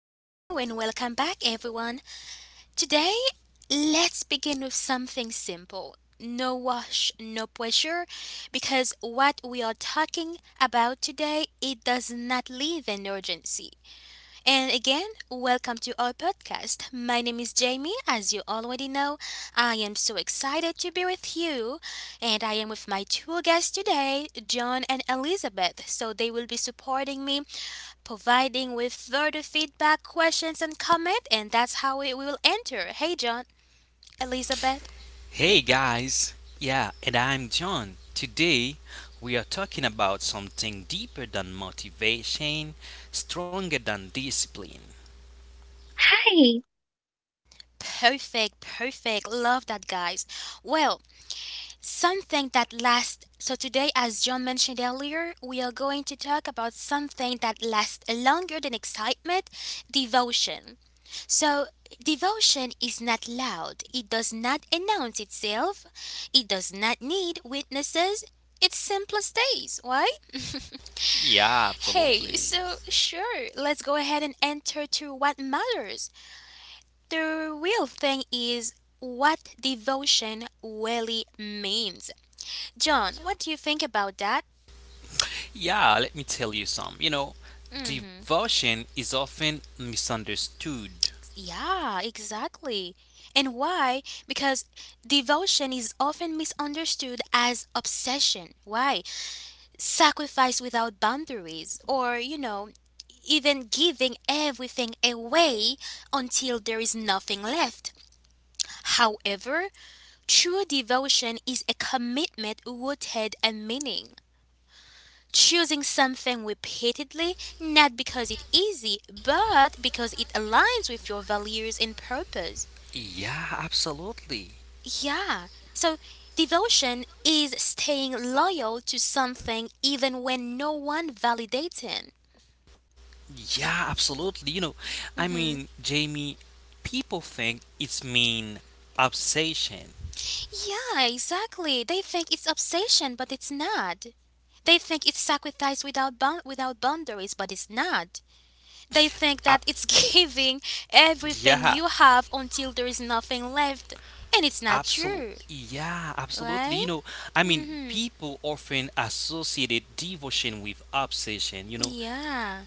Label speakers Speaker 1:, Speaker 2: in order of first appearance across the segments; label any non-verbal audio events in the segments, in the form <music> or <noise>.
Speaker 1: hello, and welcome back, everyone. Today, let's begin with something simple no wash, no pressure, because what we are talking about today, it does not leave an urgency. And again, welcome to our podcast. My name is Jamie. As you already know, I am so excited to be with you. And I am with my two guests today, John and Elizabeth. So they will be supporting me, providing with further feedback, questions, and comment. And that's how it will enter. Hey, John, Elizabeth.
Speaker 2: Hey guys, yeah, and I'm John. Today we are talking about something deeper than motivation, stronger than discipline.
Speaker 3: Hi,
Speaker 1: Perfect, perfect. Love that, guys. Well, something that lasts. So, today, as John mentioned earlier, we are going to talk about something that lasts longer than excitement devotion. So, devotion is not loud, it does not announce itself, it does not need witnesses. It simply stays, right? <laughs>
Speaker 2: Yeah,
Speaker 1: Hey,
Speaker 2: absolutely.
Speaker 1: so sure, let's go ahead and enter to what matters. The real thing is what devotion really means. John, what do you think about that?
Speaker 2: Yeah, let me tell you some.
Speaker 1: hmm
Speaker 2: Devotion is often misunderstood.
Speaker 1: Yeah, exactly. And why? Because devotion is often misunderstood as obsession. Why? Sacrifice without boundaries, or, even giving everything away until there is nothing left. However, true devotion is a commitment rooted in meaning. Choosing something repeatedly not because it's easy but because it aligns with your values and purpose.
Speaker 2: Yeah, absolutely.
Speaker 1: Yeah. So devotion is staying loyal to something even when no one validates it.
Speaker 2: Yeah, absolutely. You know, I mean,
Speaker 1: hmm
Speaker 2: Jamie, people think it's mean obsession.
Speaker 1: Yeah, exactly. They think it's obsession, but it's not. They think it's sacrifice without boundaries, but it's not. They
Speaker 2: Uh,
Speaker 1: think that it's <laughs> giving
Speaker 2: yeah,
Speaker 1: everything you have until there is nothing left. And it's not
Speaker 2: Absolutely.
Speaker 1: true,
Speaker 2: Yeah, absolutely. You
Speaker 1: right?
Speaker 2: know, I mean,
Speaker 1: hmm
Speaker 2: people often associated devotion with obsession, you know.
Speaker 1: Yeah.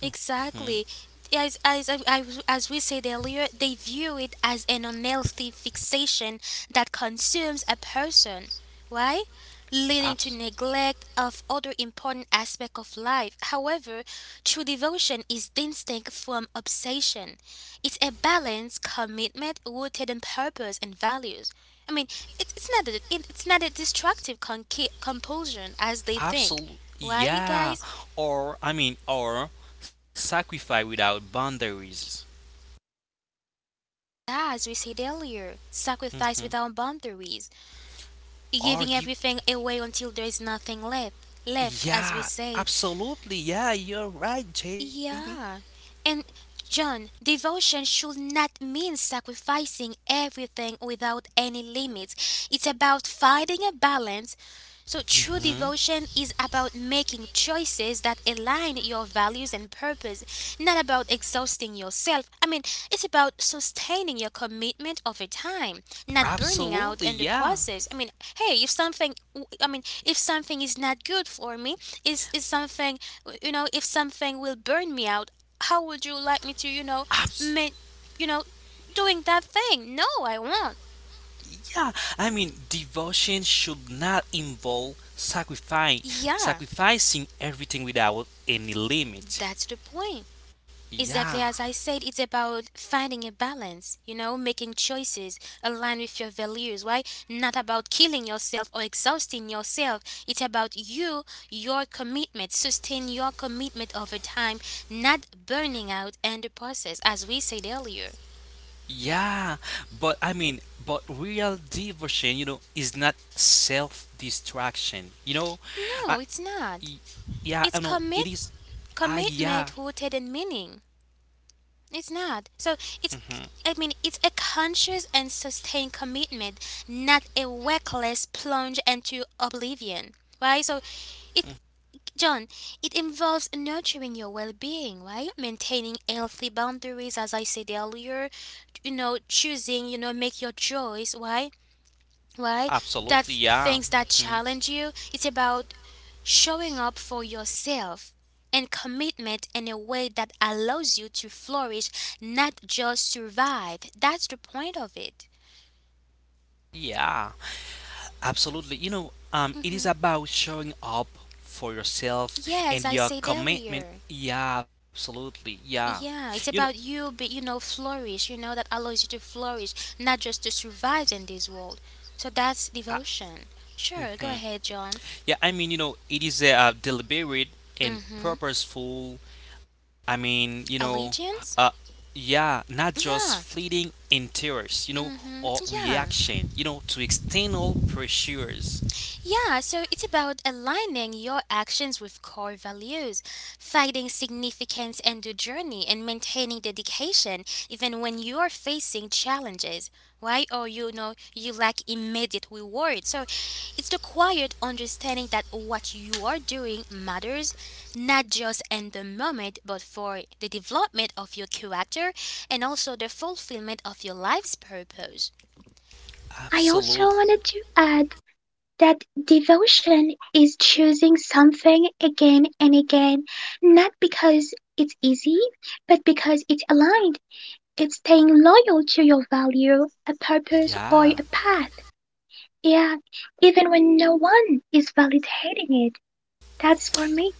Speaker 2: hmm
Speaker 1: Exactly. As, I as we said earlier, they view it as an unhealthy fixation that consumes a person, right? Leading to
Speaker 2: Abs-
Speaker 1: neglect of other important aspects of life. However, true devotion is distinct from obsession. It's a balanced commitment rooted in purpose and values. I mean, it's not it's not a destructive compulsion as they think,
Speaker 2: absolutely.
Speaker 1: right,
Speaker 2: Yeah.
Speaker 1: guys?
Speaker 2: Or sacrifice without boundaries.
Speaker 1: As we said earlier, sacrifice without
Speaker 2: hmm
Speaker 1: boundaries, giving
Speaker 2: Or
Speaker 1: everything
Speaker 2: give.
Speaker 1: away until there is nothing left, left as we
Speaker 2: Yeah,
Speaker 1: said.
Speaker 2: absolutely. Yeah, you're right, Jamie.
Speaker 1: Yeah. And John, devotion should not mean sacrificing everything without any limits. It's about finding a balance. So, true
Speaker 2: hmm
Speaker 1: devotion is about making choices that align your values and purpose, not about exhausting yourself. I mean, it's about sustaining your commitment over time, not burning out
Speaker 2: Absolutely.
Speaker 1: in the
Speaker 2: Yeah.
Speaker 1: process. I mean, hey, if something, I mean, if something is not good for me, is something you know if something will burn me out how would you like me to you know
Speaker 2: Abs-
Speaker 1: make you know doing that thing no I won't
Speaker 2: Yeah, Devotion should not involve sacrificing
Speaker 1: yeah
Speaker 2: sacrificing everything without any limit.
Speaker 1: that's the point
Speaker 2: Yeah.
Speaker 1: exactly as I said it's about finding a balance you know making choices aligned with your values why not about killing yourself or exhausting yourself it's about you your commitment sustain your commitment over time not burning out in the process as we said earlier
Speaker 2: Yeah, but real devotion, you know, is not self-destruction. I,
Speaker 1: no it's
Speaker 2: y-
Speaker 1: not
Speaker 2: yeah, I
Speaker 1: it's
Speaker 2: know it
Speaker 1: commitment
Speaker 2: is. Ah, yeah,
Speaker 1: commitment rooted in meaning. It's not. So it's
Speaker 2: hmm
Speaker 1: I mean it's a conscious and sustained commitment, not a reckless plunge into oblivion. Right? So it John, it involves nurturing your well-being, right? Maintaining healthy boundaries as I said earlier, you know, choosing, you know, make your choice, right? Why
Speaker 2: absolutely, yeah,
Speaker 1: things that
Speaker 2: mhm,
Speaker 1: challenge you. It's about showing up for yourself and commitment in a way that allows you to flourish, not just survive. That's the point of it.
Speaker 2: yeah. Absolutely. It is
Speaker 1: hmm
Speaker 2: about showing up for yourself
Speaker 1: Yeah, as
Speaker 2: and
Speaker 1: I
Speaker 2: your
Speaker 1: said
Speaker 2: commitment.
Speaker 1: earlier.
Speaker 2: Yeah, absolutely. Yeah. You
Speaker 1: Yeah,
Speaker 2: know,
Speaker 1: it's about you, but you know, flourish. You know that allows you to flourish, not just to survive in this world. So
Speaker 2: I,
Speaker 1: that's devotion. Sure, go ahead, John.
Speaker 2: yeah, I mean, it is a deliberate and
Speaker 1: Mm-hmm.
Speaker 2: purposeful. I mean, you know, uh,
Speaker 1: Allegiance.
Speaker 2: yeah, not just
Speaker 1: Yeah.
Speaker 2: fleeting interest,
Speaker 1: Mm-hmm.
Speaker 2: or
Speaker 1: Yeah.
Speaker 2: reaction, you know, to external pressures.
Speaker 1: Yeah, so it's about aligning your actions with core values, finding significance in the journey, and maintaining dedication even when you are facing challenges, right? Or you know, you lack immediate reward. So it's the quiet understanding that what you are doing matters, not just in the moment, but for the development of your character and also the fulfillment of your life's purpose.
Speaker 3: I also
Speaker 2: Absolutely.
Speaker 3: wanted to add that devotion is choosing something again and again, not because it's easy, but because it's aligned. It's staying loyal to your value, a purpose, or
Speaker 2: Yeah.
Speaker 3: a path. Yeah, even when no one is validating it. That's for me.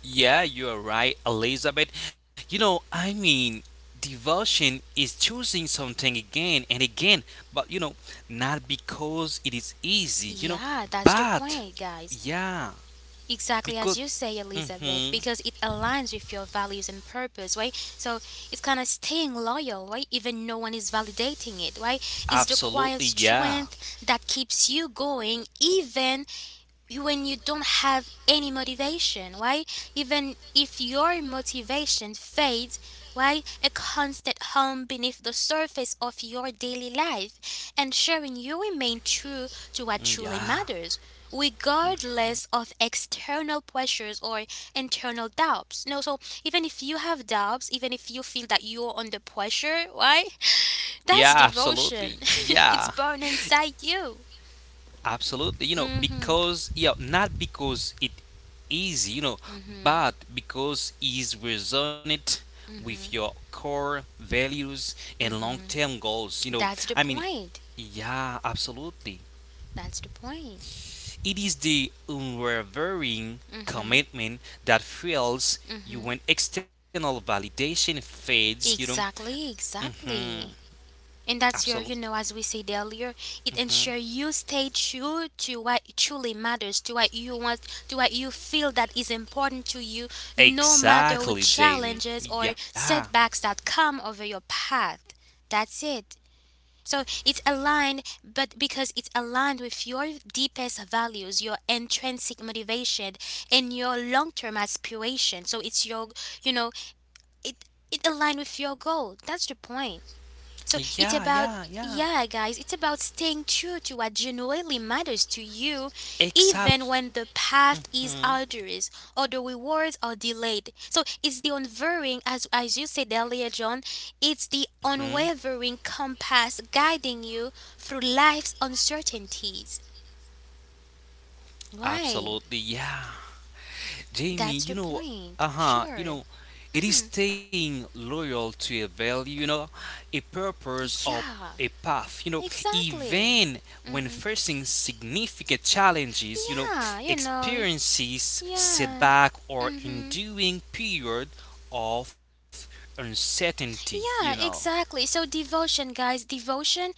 Speaker 2: Yeah, you are right, Elizabeth. You know, I mean, devotion is choosing something again and again, but you know, not because it is easy, you know,
Speaker 1: Yeah, that's the
Speaker 2: but
Speaker 1: point, guys.
Speaker 2: yeah,
Speaker 1: Exactly as
Speaker 2: because,
Speaker 1: you say, Elizabeth,
Speaker 2: hmm
Speaker 1: because it aligns with your values and purpose, right? So it's kind of staying loyal, right? Even no one is validating it, right? It's the
Speaker 2: absolutely,
Speaker 1: quiet
Speaker 2: yeah,
Speaker 1: strength that keeps you going, even when you don't have any motivation why even if your motivation fades why a constant hum beneath the surface of your daily life ensuring you remain true to what
Speaker 2: Mm,
Speaker 1: truly
Speaker 2: yeah,
Speaker 1: matters regardless of external pressures or internal doubts no so even if you have doubts even if you feel that you're under pressure why that's devotion <laughs> it's
Speaker 2: yeah.
Speaker 1: born inside you
Speaker 2: Absolutely, you know,
Speaker 1: mhm
Speaker 2: because yeah, not because it easy, you know,
Speaker 1: mhm
Speaker 2: but because is resonant with
Speaker 1: mhm.
Speaker 2: your core values and
Speaker 1: Mm-hmm.
Speaker 2: long-term goals.
Speaker 1: That's
Speaker 2: I
Speaker 1: the
Speaker 2: mean,
Speaker 1: point.
Speaker 2: yeah, Absolutely.
Speaker 1: That's the point.
Speaker 2: It is the unwavering
Speaker 1: Mm-hmm.
Speaker 2: commitment that fuels you
Speaker 1: Mm-hmm.
Speaker 2: when external validation fades. You know,
Speaker 1: Exactly, exactly.
Speaker 2: mm-hmm,
Speaker 1: And that's your, you know,
Speaker 2: absolutely,
Speaker 1: as we said earlier, it ensures
Speaker 2: hmm
Speaker 1: you stay true to what truly matters, to what you want, to what you feel that is important to you, no matter with
Speaker 2: Exactly, Jamie.
Speaker 1: challenges or
Speaker 2: Yeah,
Speaker 1: setbacks that come over your path. That's it. So it's aligned, but because it's aligned with your deepest values, your intrinsic motivation, and your long-term aspiration. So it's your, you know, it it aligned with your goal. That's the point. So
Speaker 2: yeah,
Speaker 1: it's
Speaker 2: yeah,
Speaker 1: about,
Speaker 2: yeah.
Speaker 1: yeah, guys, it's about staying true to what genuinely matters to you,
Speaker 2: Except
Speaker 1: even when the path is
Speaker 2: Mm-hmm.
Speaker 1: arduous or the rewards are delayed. So it's the unwavering, as you said earlier, John, it's the unwavering compass guiding you through life's uncertainties. Why?
Speaker 2: Absolutely, yeah. Jamie, you
Speaker 1: That's the
Speaker 2: know, uh
Speaker 1: point.
Speaker 2: huh, you
Speaker 1: Sure.
Speaker 2: know, it is staying loyal to a value, you know, a purpose or a
Speaker 1: Yeah,
Speaker 2: path, you know,
Speaker 1: exactly.
Speaker 2: even when
Speaker 1: Mm-hmm.
Speaker 2: facing significant challenges, you know,
Speaker 1: Yeah, you know.
Speaker 2: experiences,
Speaker 1: Yeah.
Speaker 2: setback, or
Speaker 1: Mm-hmm.
Speaker 2: enduring period of uncertainty, you know.
Speaker 1: Yeah, exactly. So devotion, guys, devotion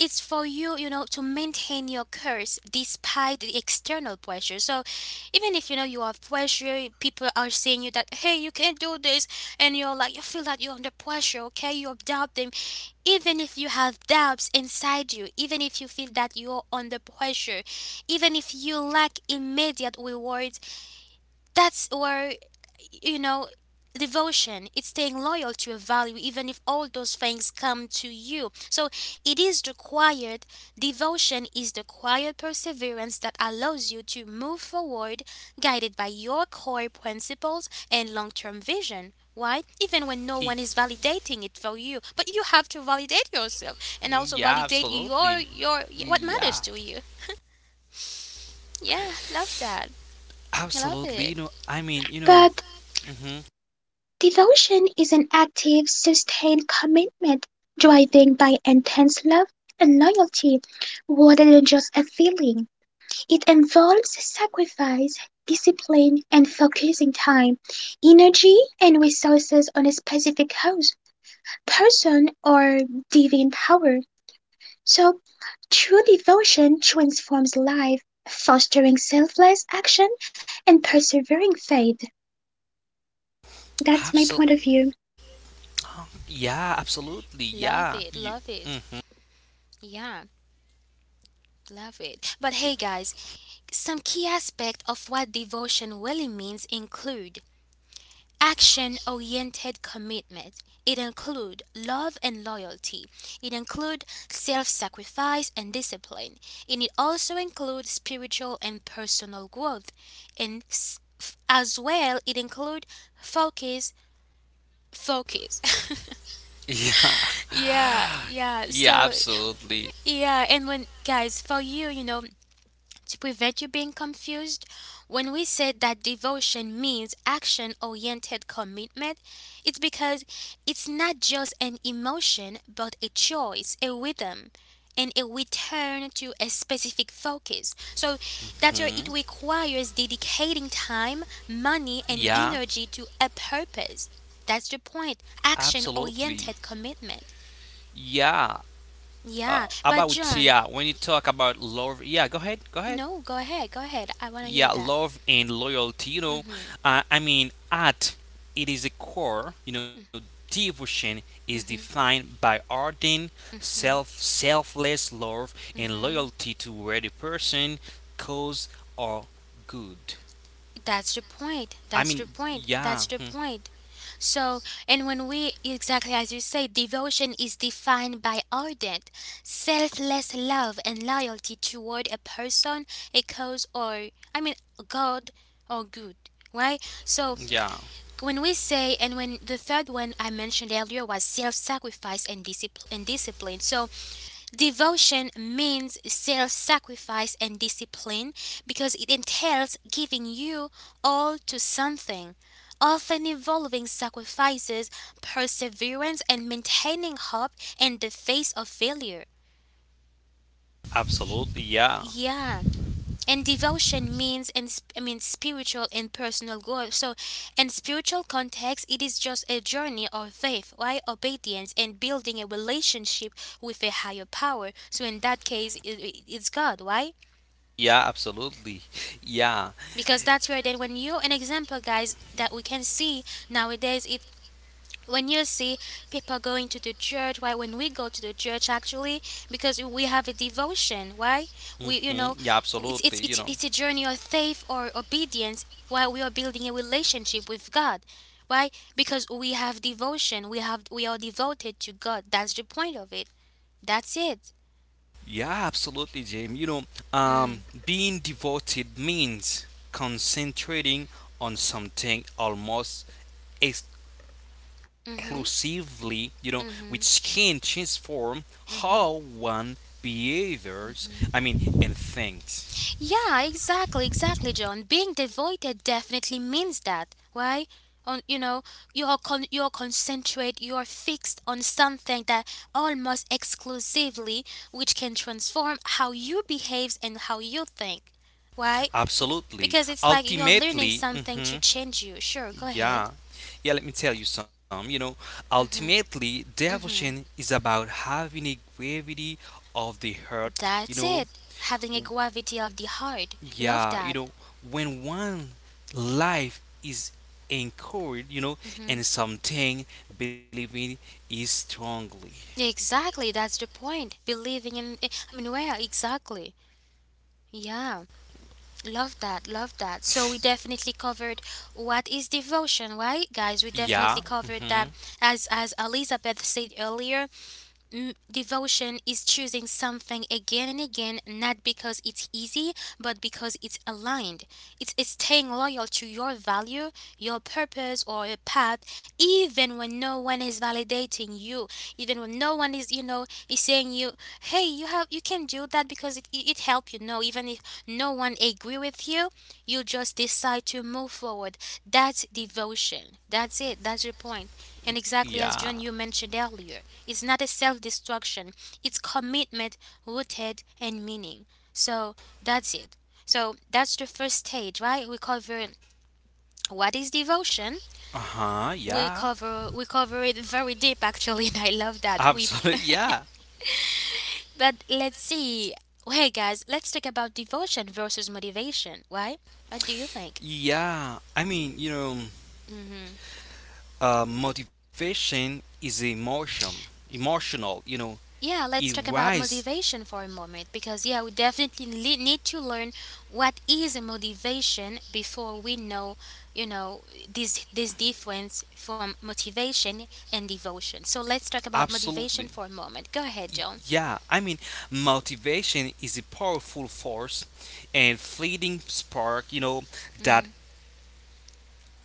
Speaker 1: is for you, you know, to maintain your curse despite the external pressure. So even if you know you have pressure, people are saying you that hey, you can't do this and you're like you feel that you're under pressure, okay? You doubt them. Even if you have doubts inside you, even if you feel that you're under pressure, even if you lack immediate rewards, that's where you know devotion it's staying loyal to a value even if all those things come to you so it is required. Devotion is the quiet perseverance that allows you to move forward guided by your core principles and long-term vision why, even when
Speaker 2: E-
Speaker 1: no one is validating it for you but you have to validate yourself and also
Speaker 2: Yeah,
Speaker 1: validate your
Speaker 2: absolutely.
Speaker 1: what matters
Speaker 2: Yeah.
Speaker 1: to you yeah love that love
Speaker 2: Absolutely, you
Speaker 1: it
Speaker 2: know, I mean, you know,
Speaker 3: But
Speaker 2: mm-hmm.
Speaker 3: devotion is an active, sustained commitment, driving by intense love and loyalty, rather than just a feeling. It involves sacrifice, discipline, and focusing time, energy, and resources on a specific cause, person, or divine power. So, true devotion transforms life, fostering selfless action and persevering faith. That's my point of view.
Speaker 2: Yeah, absolutely.
Speaker 1: love
Speaker 2: Yeah.
Speaker 1: it
Speaker 2: You,
Speaker 1: love it
Speaker 2: mm,
Speaker 1: yeah. Love it. But hey, guys, some key aspects of what devotion really means include action oriented commitment. It includes love and loyalty. It includes self sacrifice and discipline. And it also includes spiritual and personal growth. And as well, it includes focus, focus. <laughs>
Speaker 2: <laughs> yeah.
Speaker 1: Yeah, yeah.
Speaker 2: Yeah,
Speaker 1: So,
Speaker 2: absolutely.
Speaker 1: yeah. And when, guys, for you, you know, to prevent you being confused, when we say that devotion means action oriented commitment, it's because it's not just an emotion, but a choice, a rhythm, and a return to a specific focus. So that's where it
Speaker 2: Hmm.
Speaker 1: requires dedicating time, money, and energy
Speaker 2: Yeah,
Speaker 1: to a purpose. That's the point. Action
Speaker 2: absolutely.
Speaker 1: oriented commitment.
Speaker 2: Yeah.
Speaker 1: Yeah, but John,
Speaker 2: When you talk about love, yeah, go ahead, go ahead.
Speaker 1: no, go ahead, go ahead. I want to hear
Speaker 2: Yeah,
Speaker 1: that.
Speaker 2: love and loyalty. You
Speaker 1: Mhm.
Speaker 2: know,
Speaker 1: Hmm.
Speaker 2: I mean, at It is a core. You know, devotion is
Speaker 1: Mm hmm.
Speaker 2: defined by ardent, selfless love and
Speaker 1: Mhm.
Speaker 2: loyalty toward a person, cause, or good.
Speaker 1: That's the point. That's the
Speaker 2: I mean,
Speaker 1: point. That's the
Speaker 2: yeah, hmm,
Speaker 1: point. So, and when we, exactly as you say, devotion is defined by ardent, selfless love and loyalty toward a person, a cause, or, I mean, God or good, right? So,
Speaker 2: yeah,
Speaker 1: when we say, and when the third one I mentioned earlier was self sacrifice and discipline. So, devotion means self sacrifice and discipline because it entails giving you all to something, often involving sacrifices, perseverance, and maintaining hope in the face of failure.
Speaker 2: absolutely, yeah,
Speaker 1: Yeah. And devotion means I mean spiritual and personal growth. So, in spiritual context, it is just a journey of faith, right? Obedience and building a relationship with a higher power. So, in that case, it's God, right?
Speaker 2: yeah, absolutely, <laughs> yeah,
Speaker 1: Because that's where then when you an example guys that we can see nowadays it when you see people going to the church why when we go to the church actually because we have a devotion why
Speaker 2: hmm
Speaker 1: we you know
Speaker 2: yeah, Absolutely, you know,
Speaker 1: it's a journey of faith or obedience while we are building a relationship with God why because we have devotion we are devoted to God that's the point of it that's it
Speaker 2: yeah, absolutely, James.
Speaker 1: mm.
Speaker 2: Being devoted means concentrating on something almost
Speaker 1: Mhm
Speaker 2: inclusively, you know, which
Speaker 1: mhm.
Speaker 2: can transform how one behaviors, I mean, and thinks.
Speaker 1: Yeah, exactly, exactly, John. Being devoted definitely means that. Why? On you know, you are concentrate, you are fixed on something that almost exclusively, which can transform how you behaves and how you think. Why?
Speaker 2: Absolutely.
Speaker 1: Because it's like you're learning
Speaker 2: Ultimately,
Speaker 1: something to
Speaker 2: mhm,
Speaker 1: change you. Sure, go ahead.
Speaker 2: yeah, yeah, let me tell you some. You know, ultimately, devotion
Speaker 1: Mhm.
Speaker 2: is about having a gravity of the heart. You
Speaker 1: That's
Speaker 2: know,
Speaker 1: it. Having a gravity of the heart. Love
Speaker 2: yeah, you
Speaker 1: that.
Speaker 2: know, when one life is anchored, you know,
Speaker 1: Mhm.
Speaker 2: and something believing is strongly.
Speaker 1: Exactly, that's the point. Believing in I mean, where exactly? Yeah. Love that, love that. So we definitely covered what is devotion, right, guys? We definitely
Speaker 2: Yeah.
Speaker 1: covered
Speaker 2: Mm-hmm.
Speaker 1: that, as Elizabeth said earlier. Devotion is choosing something again and again, not because it's easy, but because it's aligned. It's staying loyal to your value, your purpose, or your path, even when no one is validating you, even when no one is, is saying you, hey, you have, you can do that because it helped you. No, even if no one agree with you, you just decide to move forward. That's devotion. That's it. That's your point. And exactly
Speaker 2: Yeah.
Speaker 1: as John, you mentioned earlier, it's not a self destruction, it's commitment rooted in meaning. So that's it. So that's the first stage, right? We cover what is devotion.
Speaker 2: Uh-huh.
Speaker 1: We
Speaker 2: Yeah.
Speaker 1: cover we cover it very deep actually, <laughs> and I
Speaker 2: <laughs>
Speaker 1: love that. We
Speaker 2: Absolutely. Yeah.
Speaker 1: <laughs> but let's see. Hey guys, let's talk about devotion versus motivation, right? What do you think?
Speaker 2: Yeah.
Speaker 1: Mm-hmm.
Speaker 2: Motivation is emotional. You know,
Speaker 1: Yeah,
Speaker 2: it
Speaker 1: let's talk about
Speaker 2: rises
Speaker 1: motivation for a moment because, yeah, we definitely need to learn what is a motivation before we know, you know, this difference from motivation and devotion. So let's talk about
Speaker 2: absolutely.
Speaker 1: motivation for a moment. Go ahead,
Speaker 2: Y-
Speaker 1: Joan.
Speaker 2: Yeah. I mean, motivation is a powerful force and fleeting spark. That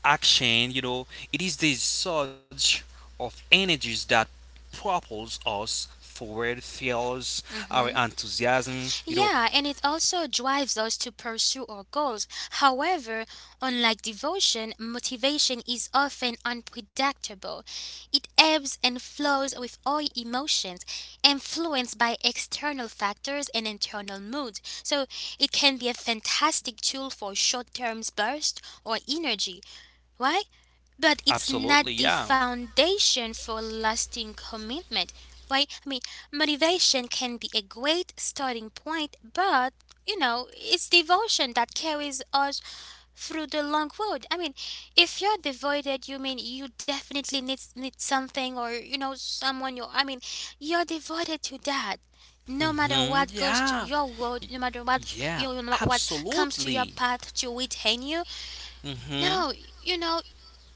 Speaker 2: action. You know, it is the surge of energies that propels us forward, fuels our
Speaker 1: Mm-hmm.
Speaker 2: enthusiasm. You know,
Speaker 1: Yeah, and it also drives us to pursue our goals. However, unlike devotion, motivation is often unpredictable. It ebbs and flows with all emotions, influenced by external factors and internal moods. So it can be a fantastic tool for short term bursts or energy, why? But it's
Speaker 2: absolutely,
Speaker 1: not the
Speaker 2: yeah.
Speaker 1: foundation for lasting commitment. Why? I mean, motivation can be a great starting point, but you know, it's devotion that carries us through the long road. I mean, if you're devoted, you mean you definitely need something or you know someone you I mean, you're devoted to that. No matter
Speaker 2: hmm
Speaker 1: what goes to
Speaker 2: yeah,
Speaker 1: your world, no matter what
Speaker 2: yeah,
Speaker 1: you know, what comes to your
Speaker 2: absolutely.
Speaker 1: path to retain you,
Speaker 2: Hmm
Speaker 1: no, you know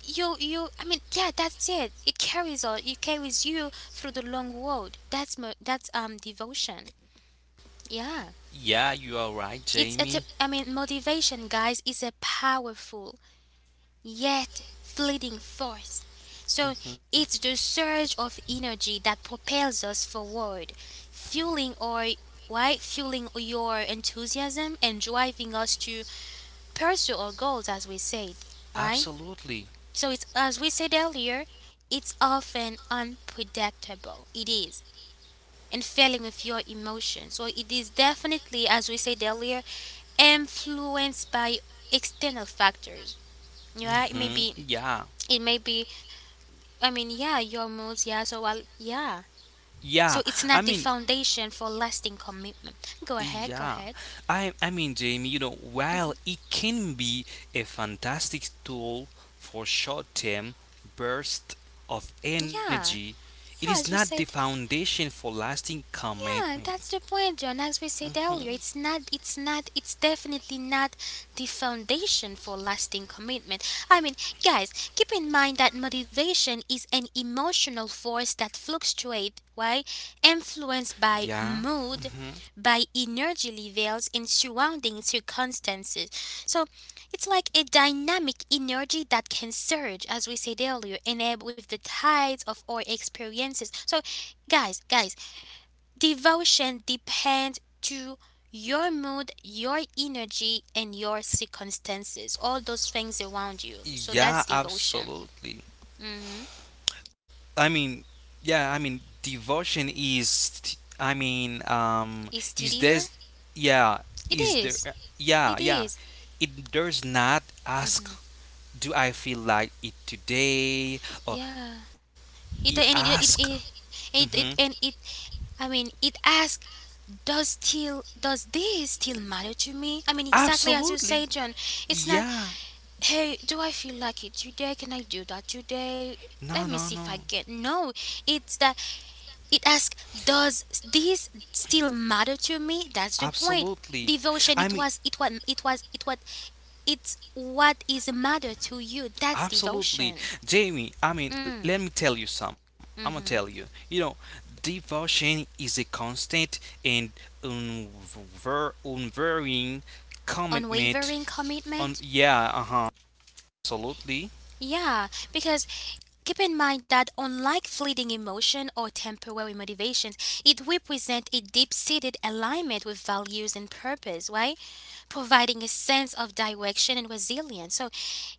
Speaker 1: you I mean, yeah, that's it, it carries all, it carries you through the long road. That's devotion. Yeah,
Speaker 2: yeah, you are right,
Speaker 1: it's a
Speaker 2: Jamie.
Speaker 1: I mean motivation guys is a powerful yet fleeting force. So it's the surge of energy that propels us forward, fueling or why fueling your enthusiasm and driving us to pursue our goals as we said, right?
Speaker 2: Absolutely.
Speaker 1: So it's as we said earlier, it's often unpredictable. It is. And failing with your emotions. So it is definitely, as we said earlier, influenced by external factors. Yeah, it may
Speaker 2: Hmm
Speaker 1: be
Speaker 2: yeah,
Speaker 1: it may be I mean, yeah, your moods, yeah, so well yeah.
Speaker 2: yeah.
Speaker 1: So it's
Speaker 2: I
Speaker 1: not
Speaker 2: mean,
Speaker 1: the foundation for lasting commitment. Go ahead, go
Speaker 2: Yeah,
Speaker 1: ahead.
Speaker 2: I mean, Jamie, while it can be a fantastic tool for short-term bursts of
Speaker 1: Yeah.
Speaker 2: energy, it is
Speaker 1: Yeah, as we
Speaker 2: not the
Speaker 1: said,
Speaker 2: foundation for lasting
Speaker 1: yeah,
Speaker 2: commitment.
Speaker 1: that's the point, John. As we said earlier, it's not, it's definitely not the foundation for lasting commitment. I mean, guys, keep in mind that motivation is an emotional force that fluctuates, right? Influenced by
Speaker 2: Yeah. hmm
Speaker 1: mood, by energy levels, and surrounding circumstances. So it's like a dynamic energy that can surge, as we said earlier, and ebb with the tides of our experiences. So, guys, devotion depends to your mood, your energy, and your circumstances. All those things around you. So
Speaker 2: Yeah,
Speaker 1: that's devotion.
Speaker 2: absolutely.
Speaker 1: hmm
Speaker 2: I mean, yeah, I mean, devotion is, t- I mean,
Speaker 1: Is
Speaker 2: is this,
Speaker 1: steadier?
Speaker 2: yeah,
Speaker 1: It
Speaker 2: is there,
Speaker 1: is.
Speaker 2: yeah,
Speaker 1: It
Speaker 2: yeah.
Speaker 1: is.
Speaker 2: It does not ask do I feel like it today? Or
Speaker 1: Yeah.
Speaker 2: he
Speaker 1: It and it
Speaker 2: ask,
Speaker 1: it, it
Speaker 2: hmm
Speaker 1: it it and it. I mean, it asks, does this still matter to me? I mean, exactly as you
Speaker 2: absolutely,
Speaker 1: say, John. It's not.
Speaker 2: yeah,
Speaker 1: Hey, do I feel like it today? Can I do that today? Let
Speaker 2: no,
Speaker 1: me see
Speaker 2: no,
Speaker 1: if I
Speaker 2: no,
Speaker 1: get. No, it's that. It asks, does this still matter to me? That's the point.
Speaker 2: absolutely.
Speaker 1: Devotion.
Speaker 2: I
Speaker 1: It
Speaker 2: mean,
Speaker 1: was. It was. It was. It was. It's what is matter to you. That's
Speaker 2: absolutely,
Speaker 1: devotion.
Speaker 2: Jamie. Let me tell you some. I'm gonna tell you. You know, devotion is a constant and unvarying commitment.
Speaker 1: Unwavering
Speaker 2: On
Speaker 1: commitment.
Speaker 2: yeah, uh huh, absolutely,
Speaker 1: Yeah, because keep in mind that, unlike fleeting emotion or temporary motivations, it represents a deep seated alignment with values and purpose, right? Providing a sense of direction and resilience. So,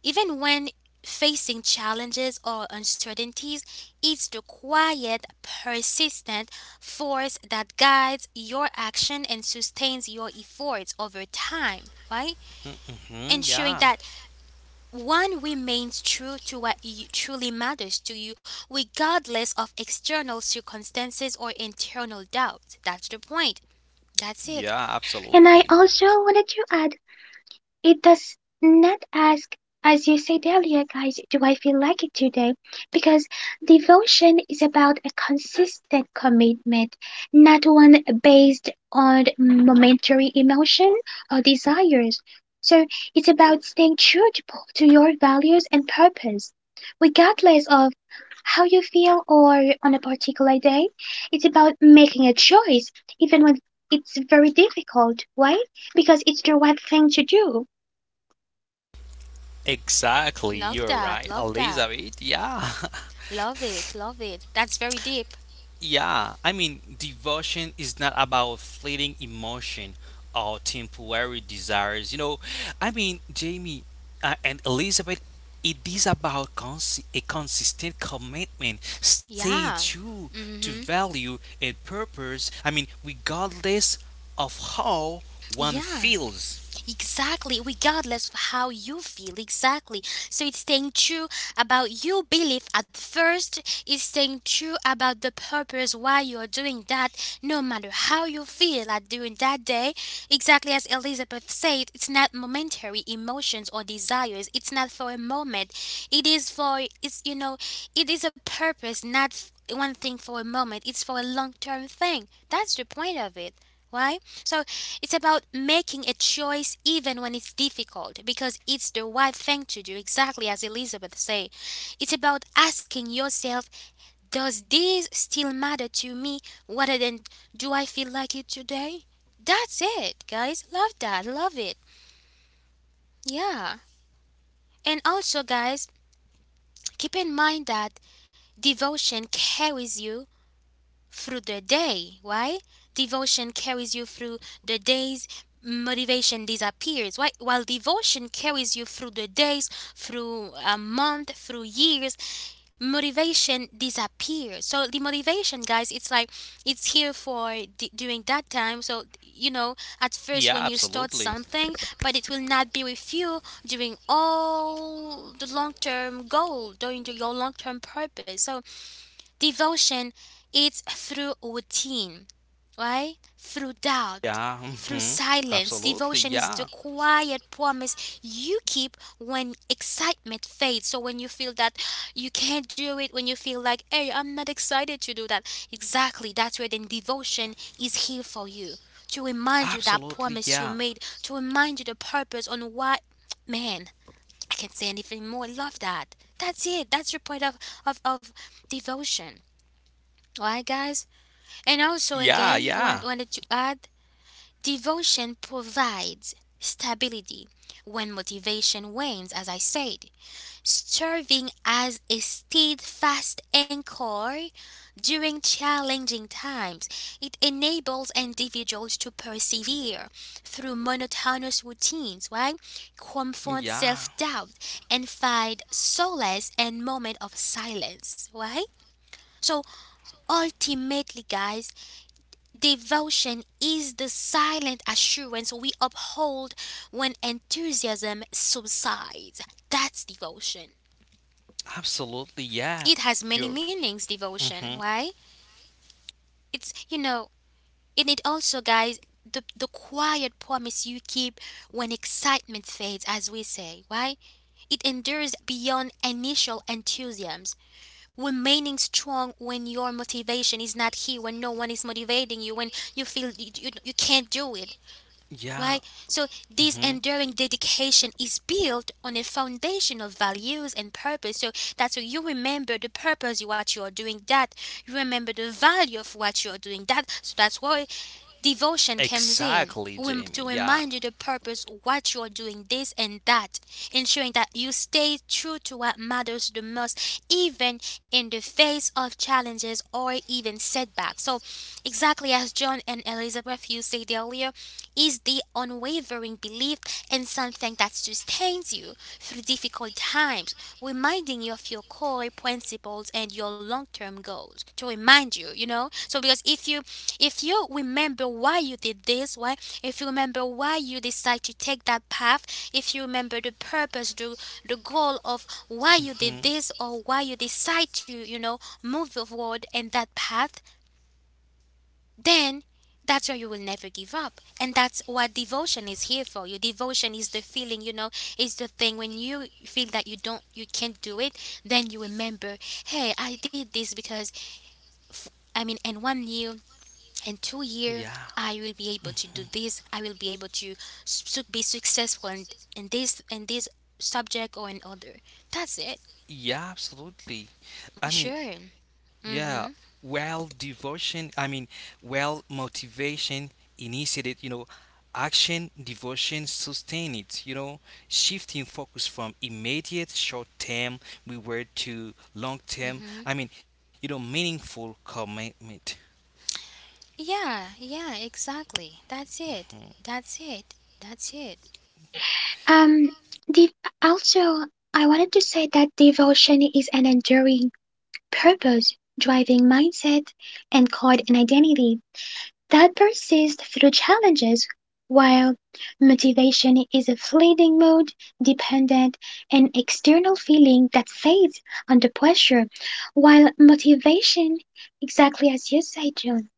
Speaker 1: even when facing challenges or uncertainties, it's the quiet, persistent force that guides your action and sustains your efforts over time, right?
Speaker 2: mm-hmm,
Speaker 1: Ensuring
Speaker 2: yeah,
Speaker 1: that one remains true to what you, truly matters to you, regardless of external circumstances or internal doubt. That's the point. That's it.
Speaker 2: yeah,
Speaker 3: And I
Speaker 2: absolutely.
Speaker 3: also wanted to add: it does not ask, as you said earlier, guys, do I feel like it today? Because devotion is about a consistent commitment, not one based on momentary emotion or desires. So it's about staying true to your values and purpose. Regardless of how you feel or on a particular day, it's about making a choice, even when it's very difficult, right? Because it's the right thing to do.
Speaker 2: Exactly,
Speaker 1: Love
Speaker 2: you're right,
Speaker 1: that. Love that.
Speaker 2: Elizabeth. Yeah, <laughs>
Speaker 1: Love it. Love it. That's very deep.
Speaker 2: yeah. I mean, devotion is not about fleeting emotion or temporary desires. Jamie and Elizabeth, it is about a consistent commitment, staying
Speaker 1: Yeah.
Speaker 2: true to
Speaker 1: Mhm.
Speaker 2: value and purpose. I mean, regardless of how one
Speaker 1: Yeah.
Speaker 2: feels.
Speaker 1: Exactly, regardless of how you feel, exactly. So it's staying true about your belief at first, it's staying true about the purpose why you're doing that, no matter how you feel at during that day. Exactly as Elizabeth said, it's not momentary emotions or desires, it's not for a moment. It is for, it's, you know, it is a purpose, not one thing for a moment, it's for a long term thing. That's the point of it. Why? So it's about making a choice even when it's difficult because it's the right thing to do, exactly as Elizabeth said. It's about asking yourself, does this still matter to me rather than do I feel like it today? That's it, guys. Love that. Love it. Yeah. And also, guys, keep in mind that devotion carries you through the day. Why? Devotion carries you through the days, motivation disappears. Why? While devotion carries you through the days, through a month, through years, motivation disappears. So the motivation, guys, it's like it's here for during that time. So you know, at
Speaker 2: Yeah,
Speaker 1: first when you start
Speaker 2: absolutely.
Speaker 1: something, but it will not be with you during all the long term goal, during your long term purpose. So devotion is through routine, right? Through doubt,
Speaker 2: Yeah,
Speaker 1: through
Speaker 2: hmm
Speaker 1: silence.
Speaker 2: absolutely.
Speaker 1: Devotion is
Speaker 2: Yeah.
Speaker 1: the quiet promise you keep when excitement fades. So when you feel that you can't do it, when you feel like, hey, I'm not excited to do that. Exactly, that's where then devotion is here for you. To remind you that
Speaker 2: Absolutely,
Speaker 1: promise you
Speaker 2: yeah.
Speaker 1: made, to remind you the purpose on why. Man, I can't say anything more. I love that. That's it. That's your point of devotion. Alright, guys? And also,
Speaker 2: Yeah,
Speaker 1: again,
Speaker 2: yeah.
Speaker 1: wanted to add devotion provides stability when motivation wanes, as I said, serving as a steadfast anchor during challenging times. It enables individuals to persevere through monotonous routines, right? Confront self
Speaker 2: Yeah.
Speaker 1: doubt and find solace in moment of silence, right? So ultimately, guys, devotion is the silent assurance we uphold when enthusiasm subsides. That's devotion.
Speaker 2: Absolutely, yeah.
Speaker 1: It has many
Speaker 2: You're.
Speaker 1: meanings,
Speaker 2: hmm
Speaker 1: devotion, right? It's, you know, in it also, guys, the quiet promise you keep when excitement fades, as we say, right? It endures beyond initial enthusiasms, remaining strong when your motivation is not here, when no one is motivating you, when you feel you can't do it.
Speaker 2: Yeah.
Speaker 1: Right? So, this
Speaker 2: hmm
Speaker 1: enduring dedication is built on a foundation of values and purpose. So, that's why you remember the purpose of what you are doing, that you remember the value of what you are doing, that. So, that's why devotion comes in
Speaker 2: Exactly, Jamie.
Speaker 1: to
Speaker 2: Yeah.
Speaker 1: remind you the purpose, what you're doing, this and that, ensuring that you stay true to what matters the most, even in the face of challenges or even setbacks. So, exactly as John and Elizabeth you said earlier, is the unwavering belief in something that sustains you through difficult times, reminding you of your core principles and your long-term goals. To remind you, you know. So, because if you remember why you did this, why if you remember why you decide to take that path, if you remember the purpose, the goal of why you did
Speaker 2: hmm
Speaker 1: this or why you decide to, you know, move forward in that path, then that's why you will never give up. And that's what devotion is here for. Your devotion is the feeling, you know, is the thing when you feel that you can't do it, then you remember, hey, I did this because f- I mean, and 1 year in two
Speaker 2: Yeah.
Speaker 1: years I will be able to do this, I will be able to be successful in this subject or in other. That's it.
Speaker 2: Yeah, absolutely. I mean,
Speaker 1: Sure.
Speaker 2: Yeah,
Speaker 1: Mm-hmm.
Speaker 2: well, devotion, I mean, well, motivation initiated, you know, action, devotion sustain it, you know, shifting focus from immediate short term reward to long term, meaningful commitment.
Speaker 1: Yeah, yeah, exactly, that's it. That's it.
Speaker 3: Um, dev- also, I wanted to say that devotion is an enduring purpose, driving mindset, and called an identity that persists through challenges, while motivation is a fleeting mood, dependent, and external feeling that fades under pressure. While motivation, exactly as you say, June,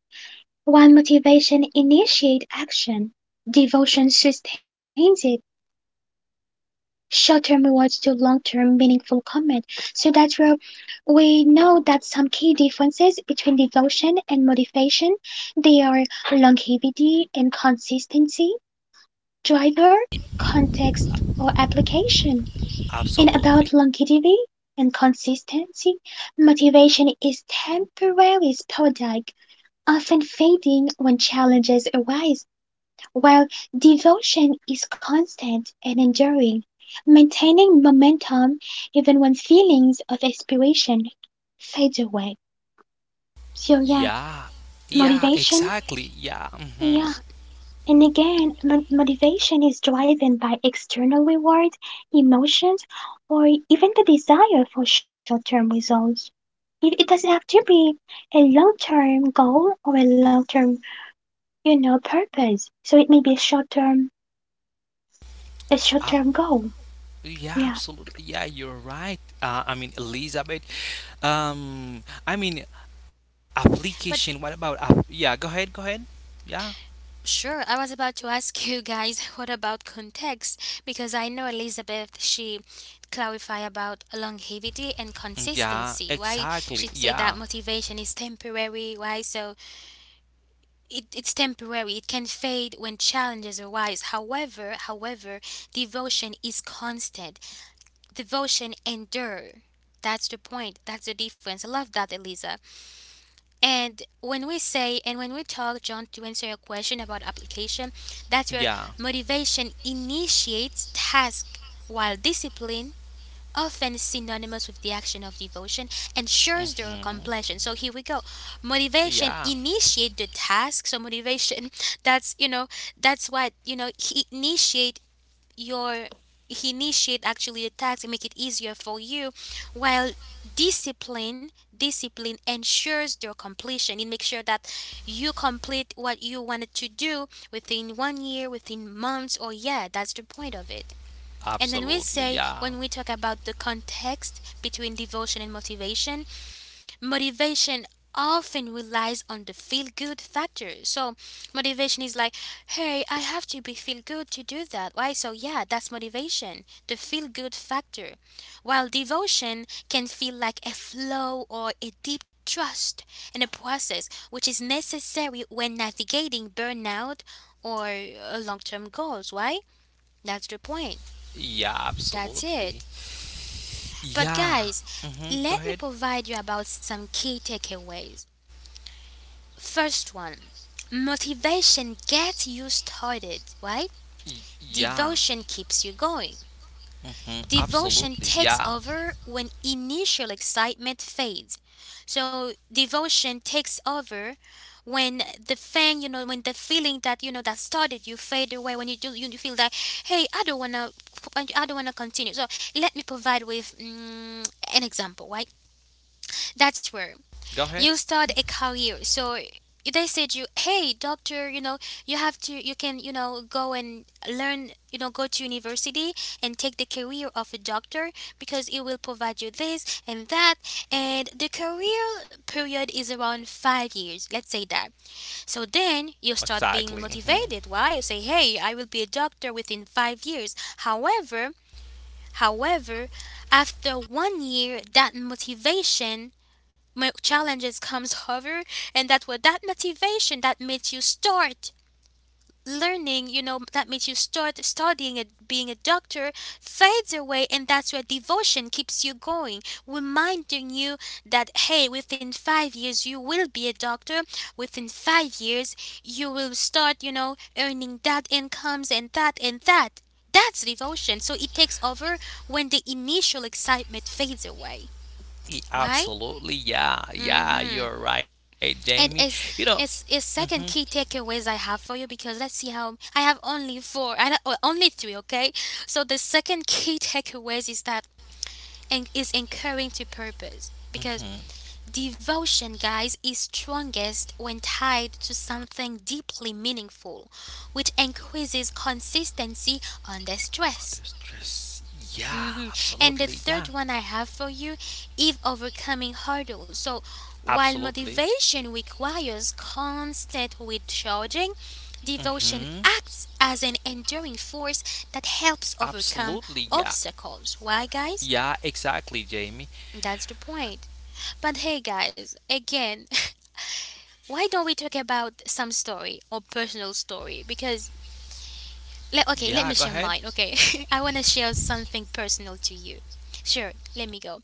Speaker 3: while motivation initiates action, devotion sustains it short-term rewards to long-term meaningful commitment. So that's where we know that some key differences between devotion and motivation, they are longevity and consistency, driver, context, or application. And
Speaker 2: Absolutely.
Speaker 3: about longevity and consistency, motivation is temporary, sporadic, often fading when challenges arise. While devotion is constant and enduring, maintaining momentum even when feelings of aspiration fade away. So, yeah,
Speaker 2: Yeah, yeah,
Speaker 3: motivation.
Speaker 2: exactly. Yeah, mhm.
Speaker 3: Yeah. And again, motivation is driven by external reward, emotions, or even the desire for short term results. It doesn't have to be a long term goal or a long term, you know, purpose. So, it may be a short
Speaker 2: I,
Speaker 3: term goal.
Speaker 2: yeah,
Speaker 3: Yeah.
Speaker 2: Absolutely. Yeah, you're right. Elizabeth. Um, I mean,
Speaker 1: But
Speaker 2: Application. What about? Yeah, go ahead. Go ahead. Yeah.
Speaker 1: sure, I was about to ask you guys <laughs> what about context, because I know Elizabeth, she clarify about longevity and consistency,
Speaker 2: Yeah.
Speaker 1: why she said
Speaker 2: Exactly.
Speaker 1: that
Speaker 2: Yeah.
Speaker 1: motivation is temporary. Why? So it, it's temporary, it can fade when challenges arise. However, devotion is constant, devotion endure. That's the point, that's the difference. I love that, Eliza. And when we say and when we talk John to answer your question about application, that's where
Speaker 2: Yeah.
Speaker 1: motivation initiates task, while discipline, often synonymous with the action of devotion, ensures
Speaker 2: Mm,
Speaker 1: their completion. So here we go.
Speaker 2: Yeah.
Speaker 1: Motivation initiate the task. So motivation, <laughs> that's you know, that's what he initiate your, he initiate actually the task and make it easier for you, while discipline discipline ensures their completion. It makes sure that you complete what you wanted to do within 1 year, within months, or yeah, that's the point of it. And then we
Speaker 2: Absolutely.
Speaker 1: say,
Speaker 2: Yeah.
Speaker 1: when we talk about the context between devotion and motivation, motivation often relies on the feel good factor. So motivation is like, hey, I have to be feel good to do that. Why? So yeah, that's motivation, the feel good factor. While devotion can feel like a flow or a deep trust in a process, which is necessary when navigating burnout or long term goals. Why? That's the point.
Speaker 2: Yeah.
Speaker 1: That's
Speaker 2: Absolutely.
Speaker 1: it. But
Speaker 2: Yeah.
Speaker 1: guys,
Speaker 2: Mm-hmm. Go
Speaker 1: let me
Speaker 2: ahead.
Speaker 1: provide you about some key takeaways. First one, motivation gets you started, right?
Speaker 2: Yeah.
Speaker 1: Devotion keeps you going.
Speaker 2: Mhm. Absolutely.
Speaker 1: Devotion
Speaker 2: Yeah.
Speaker 1: takes over when initial excitement fades. So devotion takes over when the thing, you know, when the feeling that you know that started you fade away, when you do, you feel like, hey, I don't wanna continue. So let me provide with an example, right? That's where
Speaker 2: Go
Speaker 1: you
Speaker 2: ahead.
Speaker 1: start a career. So they said, you hey doctor, you know, you have to, you can, you know, go and learn, you know, go to university and take the career of a doctor because it will provide you this and that. And the career period is around 5 years, let's say that. So then you start
Speaker 2: Exactly.
Speaker 1: being
Speaker 2: Mhm.
Speaker 1: motivated. Why? You say, hey, I will be a doctor within 5 years. However, however after 1 year that motivation, my challenges comes hover, and that what, that motivation that makes you start learning, you know, that makes you start studying and being a doctor, fades away. And that's where devotion keeps you going, reminding you that hey, within 5 years you will be a doctor. Within 5 years you will start, you know, earning that incomes and that and that. That's devotion. So it takes over when the initial excitement fades away. Why?
Speaker 2: Absolutely. Yeah. Yeah.
Speaker 1: Mm-hmm.
Speaker 2: You're right, Jamie.
Speaker 1: And
Speaker 2: You
Speaker 1: it's
Speaker 2: know.
Speaker 1: it's it's
Speaker 2: Mm-hmm.
Speaker 1: second key takeaways I have for you, because let's see how I have only four. I don't- Well, only three, okay. So the second key <laughs> takeaways is that, and is incurring to purpose, because
Speaker 2: Mm-hmm.
Speaker 1: devotion guys is strongest when tied to something deeply meaningful, which increases consistency under
Speaker 2: Under
Speaker 1: stress.
Speaker 2: stress. Yeah.
Speaker 1: Hmm. And
Speaker 2: Absolutely.
Speaker 1: the
Speaker 2: Yeah.
Speaker 1: third one I have for you is overcoming hurdles. So while
Speaker 2: Absolutely.
Speaker 1: motivation requires constant recharging,
Speaker 2: Mm-hmm.
Speaker 1: devotion acts as an enduring force that helps
Speaker 2: Absolutely.
Speaker 1: overcome
Speaker 2: Yeah.
Speaker 1: obstacles. Why,
Speaker 2: Yeah.
Speaker 1: guys?
Speaker 2: Exactly, Jamie.
Speaker 1: That's the point. But hey, guys, again, <laughs> why don't we talk about some story or personal story? Because, okay,
Speaker 2: Yeah.
Speaker 1: let
Speaker 2: Go
Speaker 1: me share
Speaker 2: ahead.
Speaker 1: mine, okay? <laughs> I want to share something personal to you. Sure, let me go.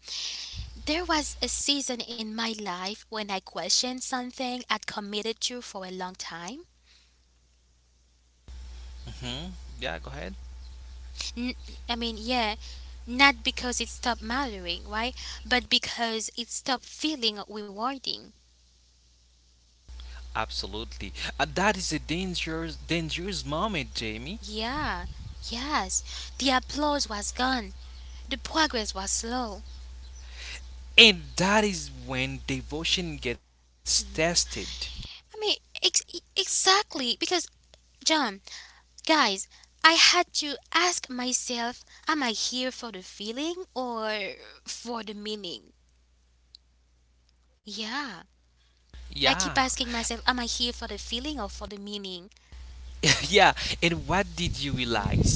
Speaker 1: There was a season in my life when I questioned something I'd committed to for a long time.
Speaker 2: Mm-hmm. Yeah. Go ahead.
Speaker 1: N- I mean, yeah, not because it stopped mattering, right? But because it stopped feeling rewarding.
Speaker 2: Absolutely. That is a dangerous, dangerous moment, Jamie.
Speaker 1: Yeah, yes. The applause was gone, the progress was slow.
Speaker 2: And that is when devotion gets tested.
Speaker 1: I mean, exactly, because, John, guys, I had to ask myself, am I here for the feeling or for the meaning? Yeah.
Speaker 2: Yeah.
Speaker 1: I keep asking myself, am I here for the feeling or for the meaning?
Speaker 2: Yeah, and what did you realize?
Speaker 1: Hmm.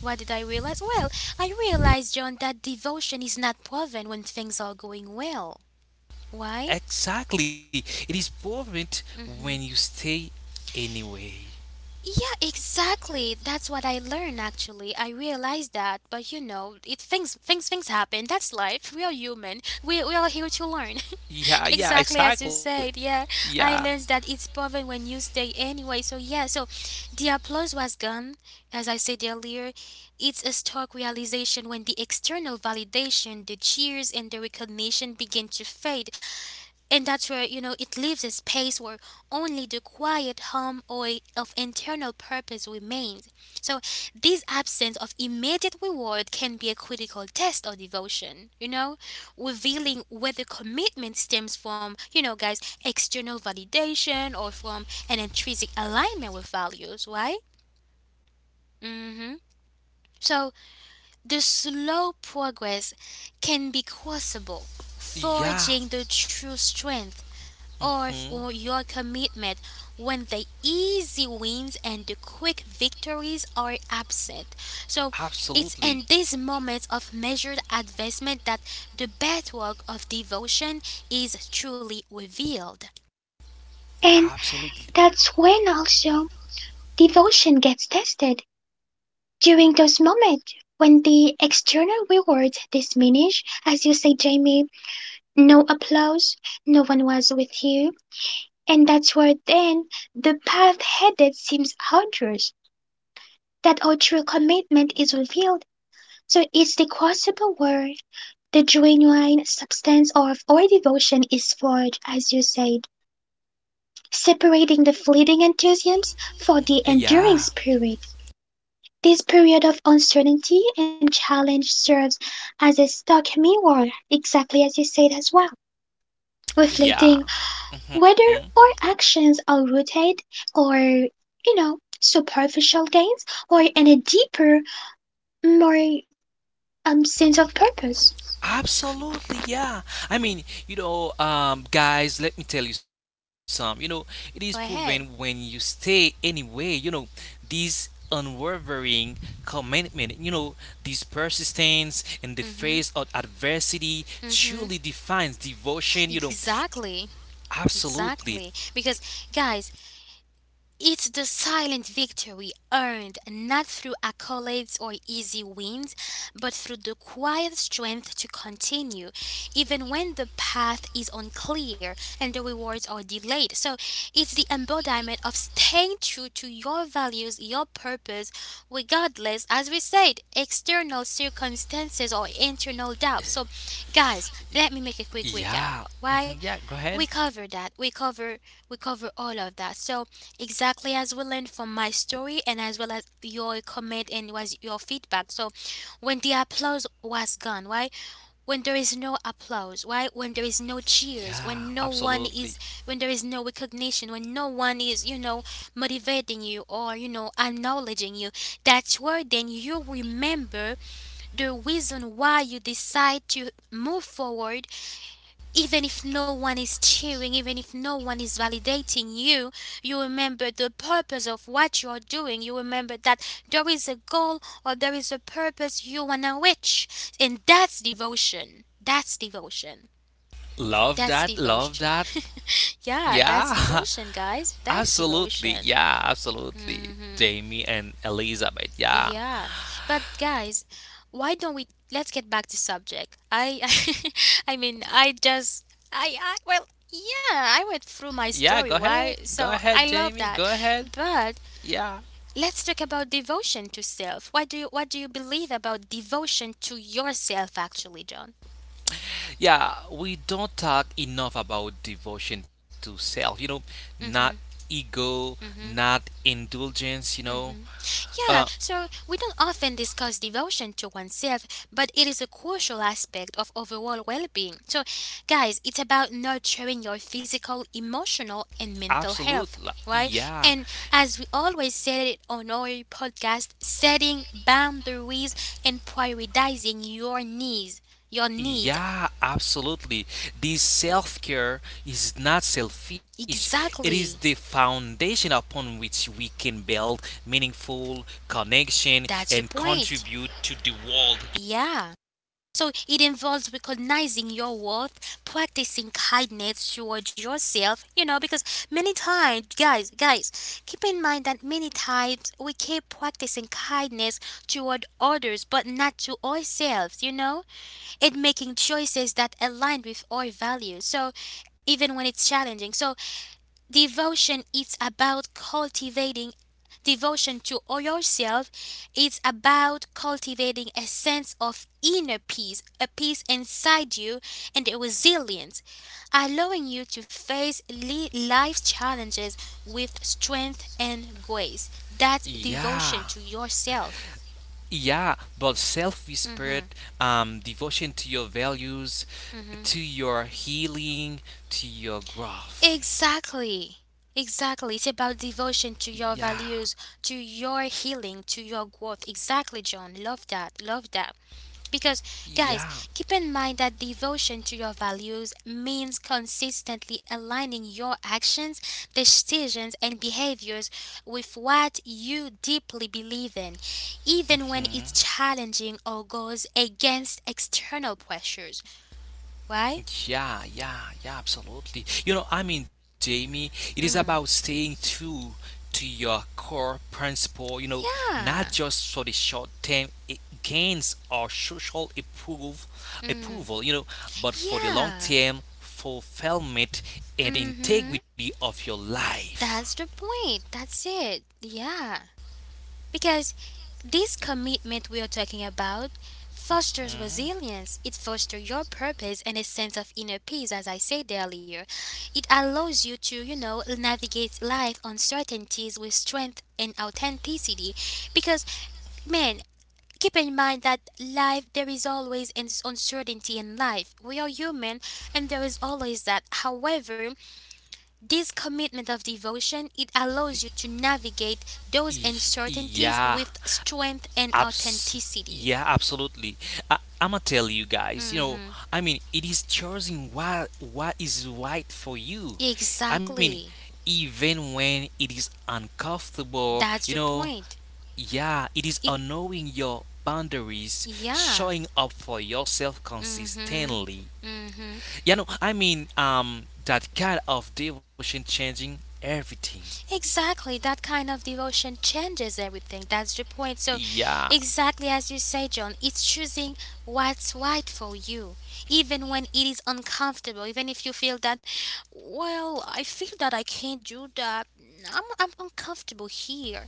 Speaker 1: What did I realize? Well, I realized, John, that devotion is not proven when things are going well. Why?
Speaker 2: Exactly, it is perfect when you stay anyway.
Speaker 1: Yeah, exactly. That's what I learned actually. I realized that, but you know, it, things happen. That's life. We are human. We are here to learn. <laughs>
Speaker 2: Yeah, yeah,
Speaker 1: Exactly as you
Speaker 2: exactly.
Speaker 1: said. Yeah.
Speaker 2: Yeah,
Speaker 1: I learned that it's proven when you stay anyway. So yeah, so the applause was gone. As I said earlier, it's a stark realization when the external validation, the cheers and the recognition begin to fade, and that's where, you know, it leaves a space where only the quiet hum or of internal purpose remains. So this absence of immediate reward can be a critical test of devotion, revealing whether commitment stems from, guys, external validation or from an intrinsic alignment with values, right? Mm-hmm. So the slow progress can be crucible,
Speaker 2: yeah,
Speaker 1: forging the true strength or
Speaker 2: hmm,
Speaker 1: for your commitment, when the easy wins and the quick victories are absent. So it's
Speaker 2: absolutely,
Speaker 1: in these moments of measured advancement that the bedrock of devotion is truly revealed.
Speaker 3: And
Speaker 2: Absolutely.
Speaker 3: that's when also devotion gets tested, during those moments when the external rewards diminish, as you say, Jamie. No applause, no one was with you, and that's where then the path headed seems arduous, that our true commitment is revealed. So it's the crucible where the genuine substance of our devotion is forged, as you said, separating the fleeting enthusiasm for the
Speaker 2: Yeah,
Speaker 3: enduring spirit. This period of uncertainty and challenge serves as a stark mirror, exactly as you said as well, reflecting
Speaker 2: yeah, hmm
Speaker 3: whether our actions are rooted or, you know, superficial gains or in a deeper, more sense of purpose.
Speaker 2: Absolutely, yeah. Guys, let me tell you some. You know, it is proven
Speaker 1: Go
Speaker 2: when you
Speaker 1: ahead.
Speaker 2: stay anyway, you know, this unwavering commitment, you know, this persistence in the face of
Speaker 1: Mm-hmm.
Speaker 2: adversity truly
Speaker 1: Mm-hmm.
Speaker 2: defines devotion, you know.
Speaker 1: Exactly.
Speaker 2: Absolutely.
Speaker 1: Exactly. Because guys, it's the silent victory earned not through accolades or easy wins, but through the quiet strength to continue, even when the path is unclear and the rewards are delayed. So it's the embodiment of staying true to your values, your purpose, regardless, as we said, external circumstances or internal doubts. So, guys, let me make a quick recap.
Speaker 2: Yeah.
Speaker 1: Why?
Speaker 2: Mhm, Yeah, go
Speaker 1: we
Speaker 2: ahead.
Speaker 1: cover that we cover we cover all of that. So exactly as we learned from my story and as well as your comment and was your feedback, so when the applause was gone, why, when there is no applause, why, when there is no cheers,
Speaker 2: Yeah,
Speaker 1: when no one is,
Speaker 2: absolutely.
Speaker 1: when there is no recognition, when no one is, you know, motivating you or, you know, acknowledging you, that's where then you remember the reason why you decide to move forward. Even if no one is cheering, even if no one is validating you, you remember the purpose of what you are doing. You remember that there is a goal or there is a purpose you want to reach. And that's devotion. That's devotion.
Speaker 2: Love
Speaker 1: That's
Speaker 2: that. Love
Speaker 1: devotion.
Speaker 2: that.
Speaker 1: <laughs> Yeah, that's
Speaker 2: Yeah.
Speaker 1: devotion, guys.
Speaker 2: <laughs>
Speaker 1: That's
Speaker 2: Absolutely,
Speaker 1: devotion.
Speaker 2: yeah, absolutely.
Speaker 1: Hmm.
Speaker 2: Jamie and Elizabeth, yeah.
Speaker 1: Yeah, but guys, why don't we, let's get back to subject? <laughs> I, mean, I just, I, well, yeah, I went through my
Speaker 2: Yeah,
Speaker 1: story.
Speaker 2: go
Speaker 1: Why?
Speaker 2: ahead. Go
Speaker 1: So I
Speaker 2: ahead,
Speaker 1: love
Speaker 2: Jamie.
Speaker 1: that,
Speaker 2: Go ahead.
Speaker 1: but
Speaker 2: Yeah.
Speaker 1: let's talk about devotion to self. What do you believe about devotion to yourself, actually, John?
Speaker 2: Yeah, we don't talk enough about devotion to self, you know, not ego, not indulgence, you know. Uh
Speaker 1: Yeah, so we don't often discuss devotion to oneself, but it is a crucial aspect of overall well being. So, guys, it's about nurturing your physical, emotional, and mental
Speaker 2: Absolutely.
Speaker 1: health, right?
Speaker 2: Yeah.
Speaker 1: And as we always said it on our podcast, setting boundaries and prioritizing your needs. Your needs.
Speaker 2: Yeah, absolutely. This self care is not selfish. It is the
Speaker 1: Exactly.
Speaker 2: foundation upon which we can build meaningful connection and
Speaker 1: That's the
Speaker 2: contribute
Speaker 1: point.
Speaker 2: to the world.
Speaker 1: Yeah. So it involves recognizing your worth, practicing kindness towards yourself, you know, because many times, guys, keep in mind that many times we keep practicing kindness toward others but not to ourselves, you know, and making choices that align with our values. So even when it's challenging. So devotion is about cultivating devotion to yourself. It's about cultivating a sense of inner peace, a peace inside you, and a resilience, allowing you to face life's challenges with strength and grace. That's
Speaker 2: Yeah.
Speaker 1: devotion to yourself.
Speaker 2: Yeah, but self-respect, devotion to your values, to
Speaker 1: Mhm.
Speaker 2: your healing, to your growth.
Speaker 1: Exactly.
Speaker 2: Yeah,
Speaker 1: Exactly. It's about devotion to your values, to your healing, to your growth. Exactly, John. Love that. Love that. Because,
Speaker 2: yeah.
Speaker 1: guys, keep in mind that devotion to your values means consistently aligning your actions, decisions, and behaviors with what you deeply believe in, even when it's
Speaker 2: Hmm.
Speaker 1: challenging or goes against external pressures. Why?
Speaker 2: Yeah, absolutely. You know, I mean, Jamie, it is about
Speaker 1: Mm.
Speaker 2: staying true to your core principle, not
Speaker 1: Yeah.
Speaker 2: just for the short term gains or social approval,
Speaker 1: Mm.
Speaker 2: you know, but for the long
Speaker 1: Yeah.
Speaker 2: term fulfillment and
Speaker 1: Mm-hmm.
Speaker 2: integrity of your life.
Speaker 1: That's the point. That's it. Yeah. Because this commitment we are talking about fosters
Speaker 2: Mhm.
Speaker 1: resilience. It fosters your purpose and a sense of inner peace, as I said earlier. It allows you to, you know, navigate life uncertainties with strength and authenticity. Because, man, keep in mind that life, there is always an uncertainty in life. We are human and there is always that. However, this commitment of devotion, it
Speaker 2: Y-
Speaker 1: allows you to navigate those
Speaker 2: Yeah,
Speaker 1: uncertainties with strength and
Speaker 2: Abs- yeah,
Speaker 1: authenticity.
Speaker 2: absolutely. I'ma tell you guys. You know, I
Speaker 1: Hmm.
Speaker 2: mean, it is choosing what is right for you. I mean,
Speaker 1: Exactly.
Speaker 2: even when it is uncomfortable. You
Speaker 1: That's the
Speaker 2: know,
Speaker 1: point.
Speaker 2: yeah, it is
Speaker 1: It,
Speaker 2: knowing your boundaries, showing
Speaker 1: yeah.
Speaker 2: up for yourself
Speaker 1: Hmm.
Speaker 2: consistently.
Speaker 1: Hmm.
Speaker 2: That kind of devotion changing everything.
Speaker 1: Exactly, that kind of devotion changes everything. That's the point. So
Speaker 2: Yeah,
Speaker 1: exactly as you say, John, it's choosing what's right for you, even when it is uncomfortable, even if you feel that, well, I feel that I can't do that. I'm uncomfortable here.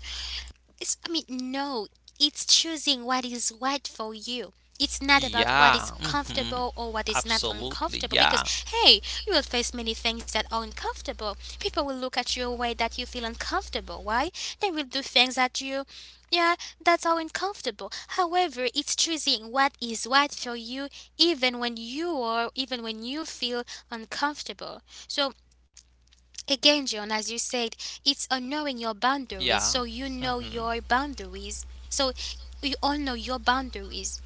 Speaker 1: It's, I mean, no, it's choosing what is right for you. It's not about what is
Speaker 2: yeah, hmm
Speaker 1: comfortable or what is not
Speaker 2: absolutely,
Speaker 1: uncomfortable, because,
Speaker 2: yeah,
Speaker 1: hey, you will face many things that are uncomfortable. People will look at you a way that you feel uncomfortable. Why? They will do things at you, yeah, that's how uncomfortable. However, it's choosing what is right for you even when even when you feel uncomfortable. So again, John, as you said, it's on knowing your
Speaker 2: yeah.
Speaker 1: boundaries. So you know
Speaker 2: Mhm.
Speaker 1: your boundaries. So you all know your boundaries,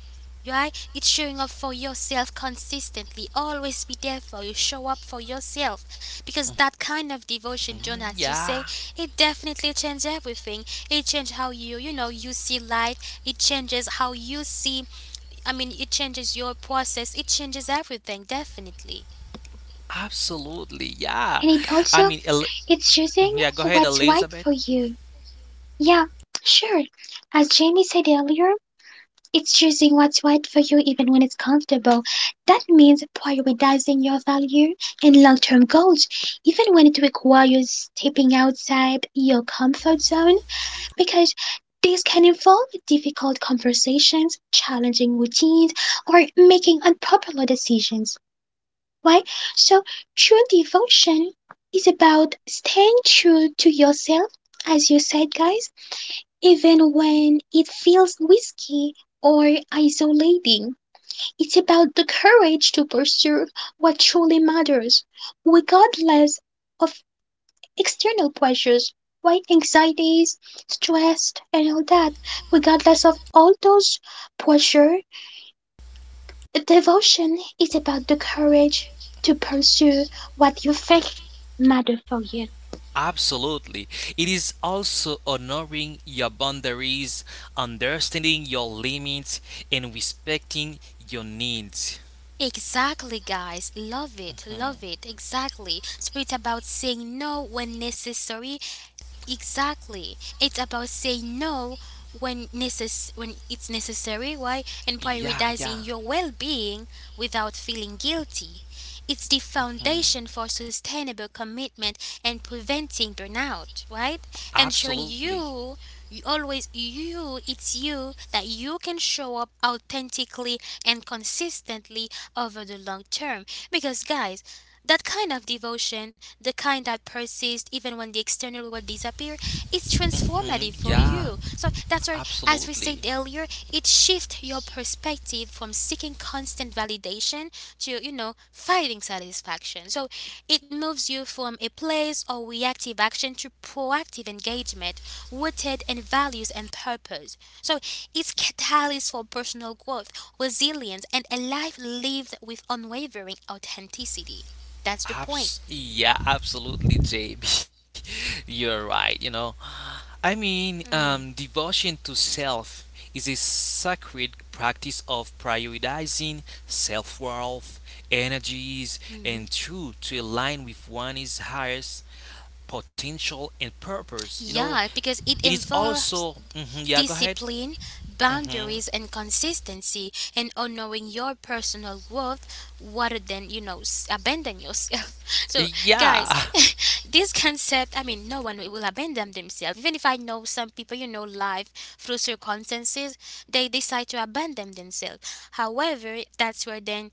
Speaker 1: right? It's showing up for yourself consistently. Always be there for you. Show up for yourself. Because that kind of
Speaker 2: Mhm.
Speaker 1: devotion,
Speaker 2: Yeah.
Speaker 1: John, as you say, it definitely changes everything. It changes how you, you know, you see life. It changes how you see, I mean, it changes your process. It changes everything, definitely.
Speaker 2: Absolutely. Yeah.
Speaker 3: And
Speaker 2: I
Speaker 3: it
Speaker 2: mean, El-
Speaker 3: also it's
Speaker 2: Mhm. Yeah. Go
Speaker 3: choosing
Speaker 2: ahead,
Speaker 3: what's
Speaker 2: Elizabeth.
Speaker 3: right for you. Yeah, sure. As Jamie said earlier, it's choosing what's right for you even when it's comfortable. That means prioritizing your value and long term goals, even when it requires stepping outside your comfort zone, because this can involve difficult conversations, challenging routines, or making unpopular decisions, right? So, true devotion is about staying true to yourself, as you said, guys, even when it feels risky or isolating. It's about the courage to pursue what truly matters, regardless of external pressures, right? Anxieties, stress, and all that. Regardless of all those pressure, devotion is about the courage to pursue what you think matter for you.
Speaker 2: Absolutely. It is also honoring your boundaries, understanding your limits, and respecting your needs.
Speaker 1: Exactly, guys. Love it. Love it. Exactly. So it's about saying no when necessary. Exactly. It's about saying no when when it's necessary, right? And
Speaker 2: Yeah,
Speaker 1: prioritizing your well-being without feeling guilty. It's the foundation for sustainable commitment and preventing burnout, right? Ensuring
Speaker 2: absolutely.
Speaker 1: it's you that you can show up authentically and consistently over the long term. Because, guys, that kind of devotion, the kind that persists even when the external world disappears, it's
Speaker 2: Mhm,
Speaker 1: transformative for
Speaker 2: yeah,
Speaker 1: you. So that's why, as we
Speaker 2: Absolutely.
Speaker 1: said earlier, it shifts your perspective from seeking constant validation to, finding satisfaction. So it moves you from a place of reactive action to proactive engagement, rooted in values and purpose. So it's catalyst for personal growth, resilience, and a life lived with unwavering authenticity. That's the point.
Speaker 2: Absolutely, JB. <laughs> You're right, you know.
Speaker 1: Hmm.
Speaker 2: Devotion to self is a sacred practice of prioritizing self worth, energies, and
Speaker 1: Mhm.
Speaker 2: truth to align with one's highest potential and purpose. You know,
Speaker 1: Yeah, because
Speaker 2: it
Speaker 1: it
Speaker 2: is also.
Speaker 1: involves
Speaker 2: Yeah, Go ahead.
Speaker 1: discipline,
Speaker 2: hmm
Speaker 1: boundaries, and consistency, and honoring your personal growth rather than, abandon yourself. <laughs> So,
Speaker 2: Yeah.
Speaker 1: guys, <laughs> this concept, I mean, no one will abandon themselves. Even if I know some people, you know, life through circumstances, they decide to abandon themselves. However, that's where then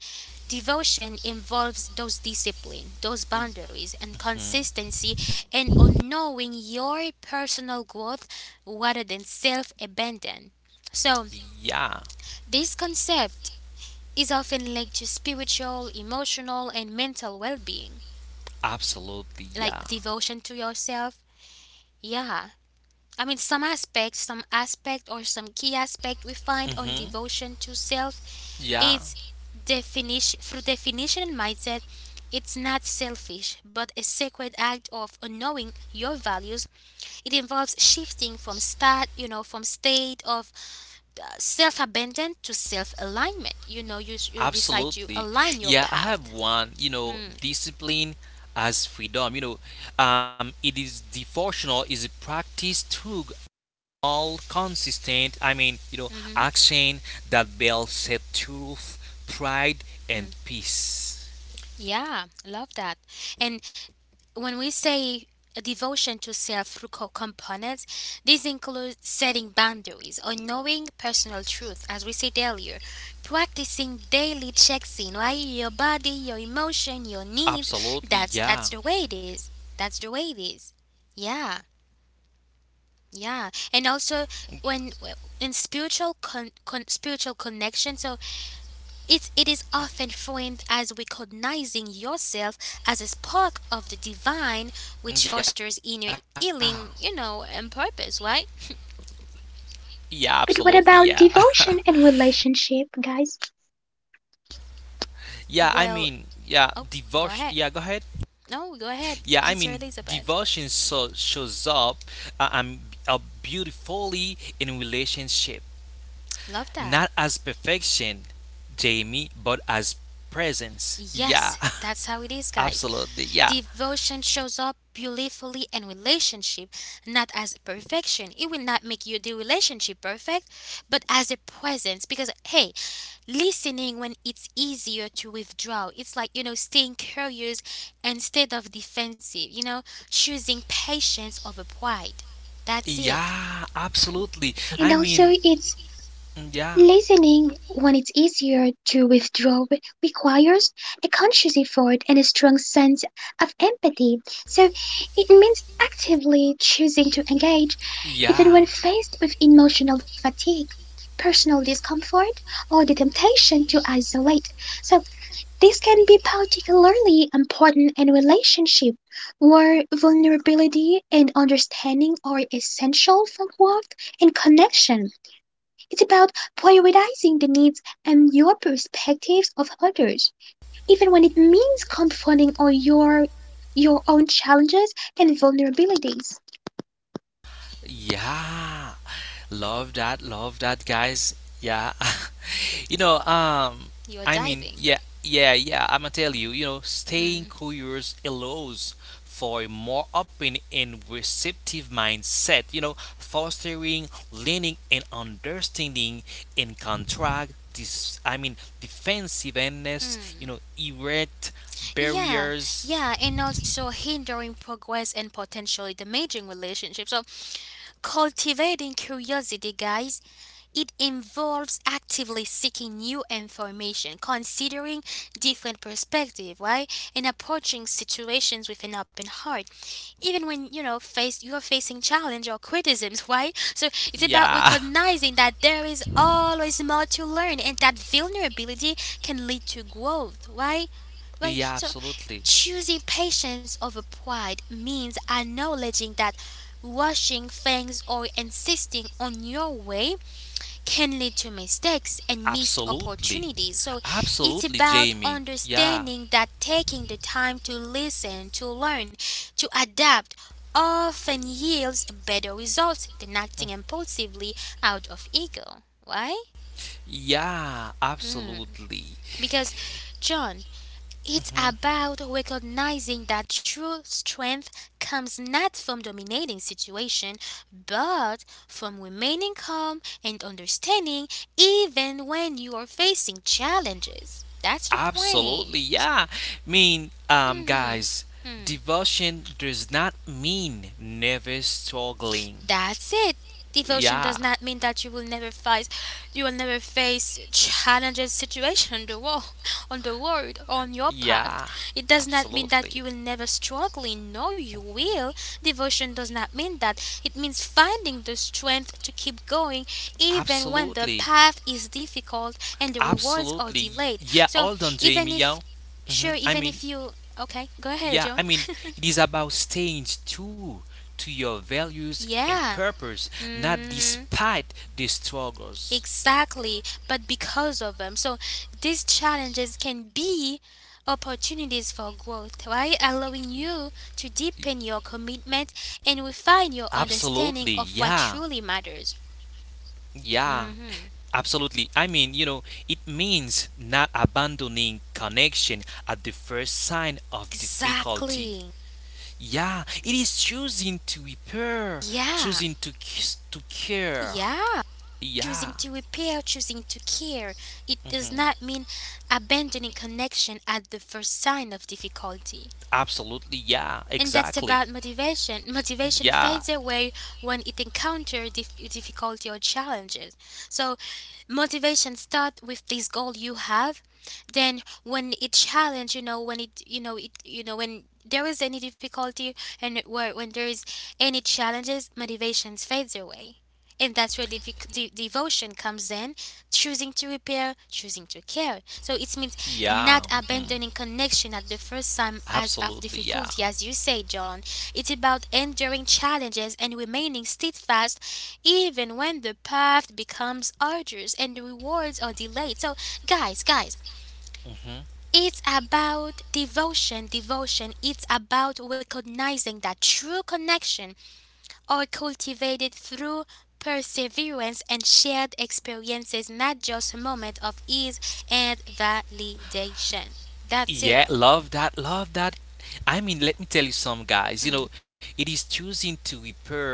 Speaker 1: devotion involves those discipline, those boundaries, and
Speaker 2: <laughs> Mhm.
Speaker 1: consistency, and on knowing your personal growth rather than self abandon. So,
Speaker 2: Yeah.
Speaker 1: this concept is often linked to spiritual, emotional, and mental well being,
Speaker 2: Absolutely.
Speaker 1: like
Speaker 2: Yeah.
Speaker 1: devotion to yourself. Yeah, I mean, some key aspect we find on
Speaker 2: hmm
Speaker 1: devotion to self
Speaker 2: Yeah.
Speaker 1: is definition through definition and mindset. It's not selfish, but a sacred act of knowing your values. It involves shifting from start, you know, from state of self abandon to self alignment. You know, you decide to
Speaker 2: Absolutely.
Speaker 1: align your
Speaker 2: Yeah, I
Speaker 1: path.
Speaker 2: have one, you know,
Speaker 1: Mm,
Speaker 2: discipline as freedom. It is devotional is a practice through all consistent,
Speaker 1: mhm.
Speaker 2: action that builds set truth, pride
Speaker 1: Mm.
Speaker 2: and peace.
Speaker 1: Yeah, love that. And when we say a devotion to self through components, these include setting boundaries or knowing personal truth, as we said earlier, practicing daily checks in, right? Your body, your emotion, your needs. That's
Speaker 2: Absolutely,
Speaker 1: that's the
Speaker 2: yeah.
Speaker 1: way it is. That's the way it is. Yeah, yeah. And also when in spiritual connection. So it is often framed as recognizing yourself as a spark of the divine, which fosters inner
Speaker 2: Yeah.
Speaker 1: healing, you know, and purpose, right?
Speaker 2: Yeah, absolutely,
Speaker 3: But
Speaker 2: yeah.
Speaker 3: what about devotion and relationship, guys?
Speaker 2: <laughs> yeah, I mean,
Speaker 1: Well,
Speaker 2: yeah,
Speaker 1: oh,
Speaker 2: devotion yeah,
Speaker 1: go
Speaker 2: Go
Speaker 1: ahead.
Speaker 2: ahead.
Speaker 1: No, go
Speaker 2: Yeah, I
Speaker 1: ahead, <laughs>
Speaker 2: mean,
Speaker 1: answer Elizabeth.
Speaker 2: devotion so shows up uh, um, beautifully in relationship,
Speaker 1: Love
Speaker 2: not
Speaker 1: that.
Speaker 2: as perfection, Jamie, but as presence. Yeah,
Speaker 1: Yes, that's how it is,
Speaker 2: <laughs>
Speaker 1: guys.
Speaker 2: absolutely. Yeah,
Speaker 1: Devotion shows up beautifully in relationship, not as perfection. It will not make you the relationship perfect, but as a presence. Because hey, listening when it's easier to withdraw. It's like you know, staying curious instead of defensive. You know, choosing patience over pride. That's it.
Speaker 2: yeah, absolutely.
Speaker 3: And also, it's
Speaker 2: Yeah,
Speaker 3: listening, when it's easier to withdraw, requires a conscious effort and a strong sense of empathy. So it means actively choosing to engage, even
Speaker 2: yeah.
Speaker 3: when faced with emotional fatigue, personal discomfort, or the temptation to isolate. So this can be particularly important in relationship where vulnerability and understanding are essential for growth and connection. It's about prioritizing the needs and your perspectives of others, even when it means confronting all your own challenges and vulnerabilities.
Speaker 2: Yeah. Love that. Love that, guys. Yeah. <laughs> you know,
Speaker 1: You're
Speaker 2: I mean,
Speaker 1: diving.
Speaker 2: yeah, yeah, yeah. I'm gonna tell you, you know, staying curious allows for a more open and receptive mindset, you know, fostering learning and understanding in contract this I mean defensiveness, you
Speaker 1: Mm.
Speaker 2: know, erect
Speaker 1: Yeah,
Speaker 2: barriers.
Speaker 1: yeah, and also hindering progress and potentially damaging relationships. So, cultivating curiosity, guys, it involves actively seeking new information, considering different perspective, right? And approaching situations with an open heart. Even when, you know, face you're facing challenge or criticisms, <laughs> right? So it's about
Speaker 2: Yeah. <laughs>
Speaker 1: recognizing that there is always more to learn and that vulnerability can lead to growth, right? Right?
Speaker 2: Yeah,
Speaker 1: So
Speaker 2: absolutely.
Speaker 1: choosing patience over pride means acknowledging that rushing things or insisting on your way can lead to mistakes and missed
Speaker 2: Absolutely.
Speaker 1: opportunities. So it's
Speaker 2: Absolutely,
Speaker 1: about
Speaker 2: Jamie. Yeah.
Speaker 1: understanding that taking the time to listen, to learn, to adapt often yields better results than acting impulsively out of ego. Why?
Speaker 2: Yeah,
Speaker 1: Mm.
Speaker 2: absolutely.
Speaker 1: Because, John, it's
Speaker 2: hmm
Speaker 1: about recognizing that true strength comes not from dominating situation, but from remaining calm and understanding even when you are facing challenges. That's the point.
Speaker 2: Absolutely, yeah. Mean,
Speaker 1: Mhm.
Speaker 2: guys, devotion does not mean never struggling.
Speaker 1: That's it. Devotion
Speaker 2: Yeah,
Speaker 1: does not mean that you will never fight, you will never face challenges, situation on the world, on the world, on your path.
Speaker 2: yeah,
Speaker 1: It does not mean
Speaker 2: absolutely,
Speaker 1: that you will never struggle. No, you will. Devotion does not mean that. It means finding the strength to keep going even when the
Speaker 2: absolutely.
Speaker 1: path is difficult and the rewards are
Speaker 2: Absolutely.
Speaker 1: delayed.
Speaker 2: Yeah,
Speaker 1: So
Speaker 2: all done, Jamie.
Speaker 1: even
Speaker 2: Yeah.
Speaker 1: if,
Speaker 2: hmm
Speaker 1: sure,
Speaker 2: I
Speaker 1: even
Speaker 2: mean,
Speaker 1: if you, okay, go ahead,
Speaker 2: yeah,
Speaker 1: John.
Speaker 2: I mean, it is about staying true to your
Speaker 1: <laughs>
Speaker 2: values and
Speaker 1: Yeah.
Speaker 2: purpose, not
Speaker 1: Hmm.
Speaker 2: despite the struggles.
Speaker 1: Exactly, but because of them. So these challenges can be opportunities for growth, right? Allowing you to deepen your commitment and refine your
Speaker 2: Absolutely.
Speaker 1: understanding
Speaker 2: Yeah.
Speaker 1: of what truly matters.
Speaker 2: Yeah.
Speaker 1: Hmm.
Speaker 2: Absolutely. I mean, you know, it means not abandoning connection at the first sign of difficulty.
Speaker 1: Exactly.
Speaker 2: Yeah, it is choosing to repair,
Speaker 1: Yeah.
Speaker 2: choosing to kiss, to care.
Speaker 1: Yeah. Choosing
Speaker 2: Yeah.
Speaker 1: to repair, choosing to care. It does
Speaker 2: Mm-hmm.
Speaker 1: not mean abandoning connection at the first sign of difficulty.
Speaker 2: Absolutely. Yeah.
Speaker 1: And that's
Speaker 2: Exactly.
Speaker 1: about motivation. <laughs> Motivation
Speaker 2: Yeah.
Speaker 1: fades away when it encounters difficulty or challenges. So, motivation starts with this goal you have. Then, when it challenge, you know, when it, you know, when there is any difficulty and it- where when there is any challenges, motivation fades away. And that's where devotion comes in choosing to repair, choosing to care. So it means not
Speaker 2: Yeah. Mhm.
Speaker 1: abandoning connection at the first time as of
Speaker 2: Absolutely, yeah.
Speaker 1: difficulty, as you say, John. It's about enduring challenges and remaining steadfast even when the path becomes arduous and the rewards are delayed. So, guys,
Speaker 2: hmm
Speaker 1: it's about devotion. It's about recognizing that true connection are cultivated through perseverance and shared experiences, not just a moment of ease and validation. That's it.
Speaker 2: Yeah, love that, love that. I mean, let me tell you some guys, you know, it is choosing to repair,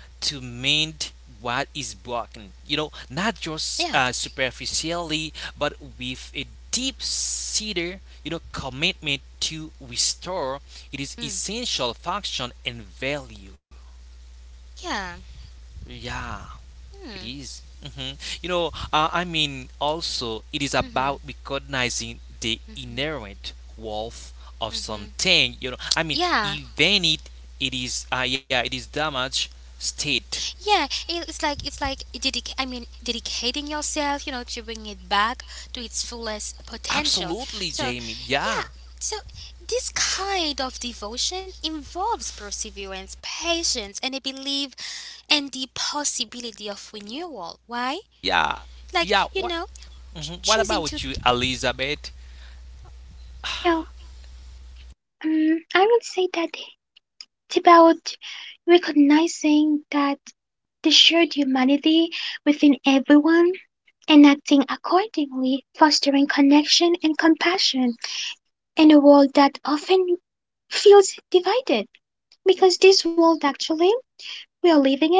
Speaker 2: to mend what is broken, not just
Speaker 1: Yeah.
Speaker 2: superficially, but with a deep seated, you know, commitment to restore it is
Speaker 1: Mm.
Speaker 2: essential function and value.
Speaker 1: Yeah.
Speaker 2: Yeah. It
Speaker 1: Mm.
Speaker 2: is, hmm You know, also, it is
Speaker 1: Hmm.
Speaker 2: about recognizing the inherent worth of
Speaker 1: Hmm.
Speaker 2: something. You know, I mean,
Speaker 1: Yeah.
Speaker 2: even yeah, it is damage state.
Speaker 1: Yeah, it's like I mean dedicating yourself, you know, to bring it back to its fullest potential.
Speaker 2: Absolutely,
Speaker 1: So,
Speaker 2: Jamie.
Speaker 1: yeah,
Speaker 2: Yeah,
Speaker 1: so this kind of devotion involves perseverance, patience, and a belief and the possibility of renewal. Why?
Speaker 2: yeah,
Speaker 1: Like,
Speaker 2: yeah.
Speaker 1: you
Speaker 2: What?
Speaker 1: know,
Speaker 2: Mhm. What
Speaker 1: choosing
Speaker 2: about
Speaker 1: to
Speaker 2: you, Elizabeth?
Speaker 3: Well, I will say that it's about recognizing that the shared humanity within everyone and acting accordingly, fostering connection and compassion in a world that often feels divided. Because this world actually we are living in,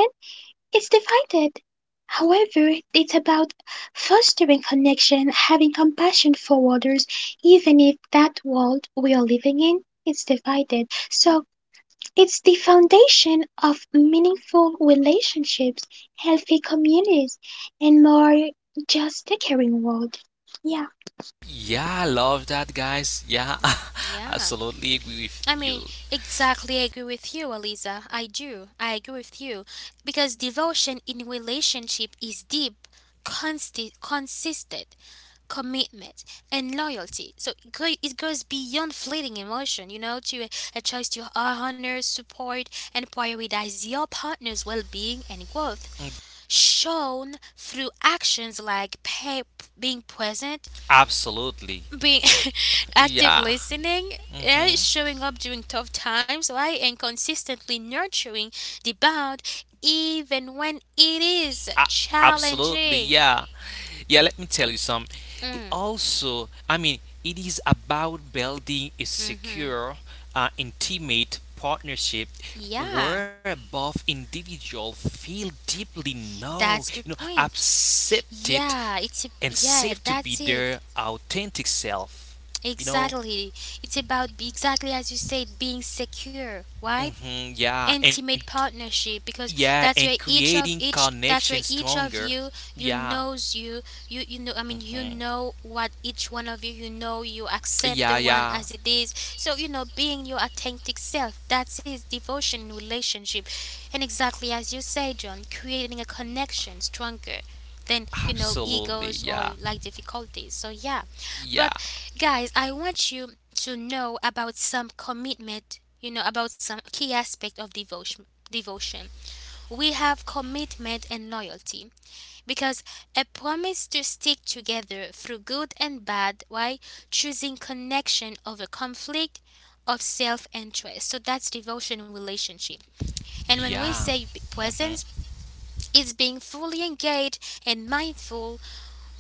Speaker 3: it's divided. However, it's about fostering connection, having compassion for others, even if that world we are living in is divided. So it's the foundation of meaningful relationships, healthy communities, and more just a caring world. Yeah,
Speaker 2: Yeah, I love that, guys. Yeah, <laughs>
Speaker 1: yeah.
Speaker 2: absolutely agree with
Speaker 1: I
Speaker 2: you.
Speaker 1: mean, exactly, I agree with you, Eliza. I do. I agree with you. Because devotion in relationship is deep, consistent commitment and loyalty. So it goes beyond fleeting emotion, a choice to honor, support, and prioritize your partner's well being and growth, shown through actions like pay, being present
Speaker 2: Absolutely.
Speaker 1: being <laughs> active
Speaker 2: Yeah.
Speaker 1: listening eh,
Speaker 2: hmm
Speaker 1: showing up during tough times right and consistently nurturing the bond even when it is
Speaker 2: A- Absolutely,
Speaker 1: challenging.
Speaker 2: yeah. Yeah, let me tell you some. It
Speaker 1: Mm,
Speaker 2: also, I mean, it is about building a
Speaker 1: mm-hmm.
Speaker 2: secure, intimate partnership
Speaker 1: Yeah,
Speaker 2: where both individual feel deeply know, you know,
Speaker 1: that's the point.
Speaker 2: accepted
Speaker 1: Yeah,
Speaker 2: and safe
Speaker 1: yeah
Speaker 2: to be
Speaker 1: that's
Speaker 2: their
Speaker 1: it.
Speaker 2: authentic self. You know,
Speaker 1: Exactly, it's about exactly as you said being secure right
Speaker 2: hmm yeah, and
Speaker 1: intimate partnership because
Speaker 2: yeah,
Speaker 1: that's
Speaker 2: and
Speaker 1: where each of
Speaker 2: creating
Speaker 1: each that's where
Speaker 2: connection
Speaker 1: each of
Speaker 2: stronger.
Speaker 1: you
Speaker 2: Yeah,
Speaker 1: knows you know. I mean, you know what each one of you, you know, you accept the
Speaker 2: yeah,
Speaker 1: one
Speaker 2: yeah.
Speaker 1: as it is, so you know being your authentic self, that's his devotion in relationship. And exactly as you say John, creating a connection stronger than you know egos
Speaker 2: Absolutely,
Speaker 1: or
Speaker 2: yeah.
Speaker 1: like difficulties, so yeah. But
Speaker 2: Yeah.
Speaker 1: guys, I want you to know about some commitment, you know, about some key aspect of devotion. We have commitment and loyalty because a promise to stick together through good and bad. Why? Choosing connection over conflict of self-interest. So that's devotion relationship. And when we
Speaker 2: Yeah.
Speaker 1: say
Speaker 2: hmm
Speaker 1: presence, it's being fully engaged and mindful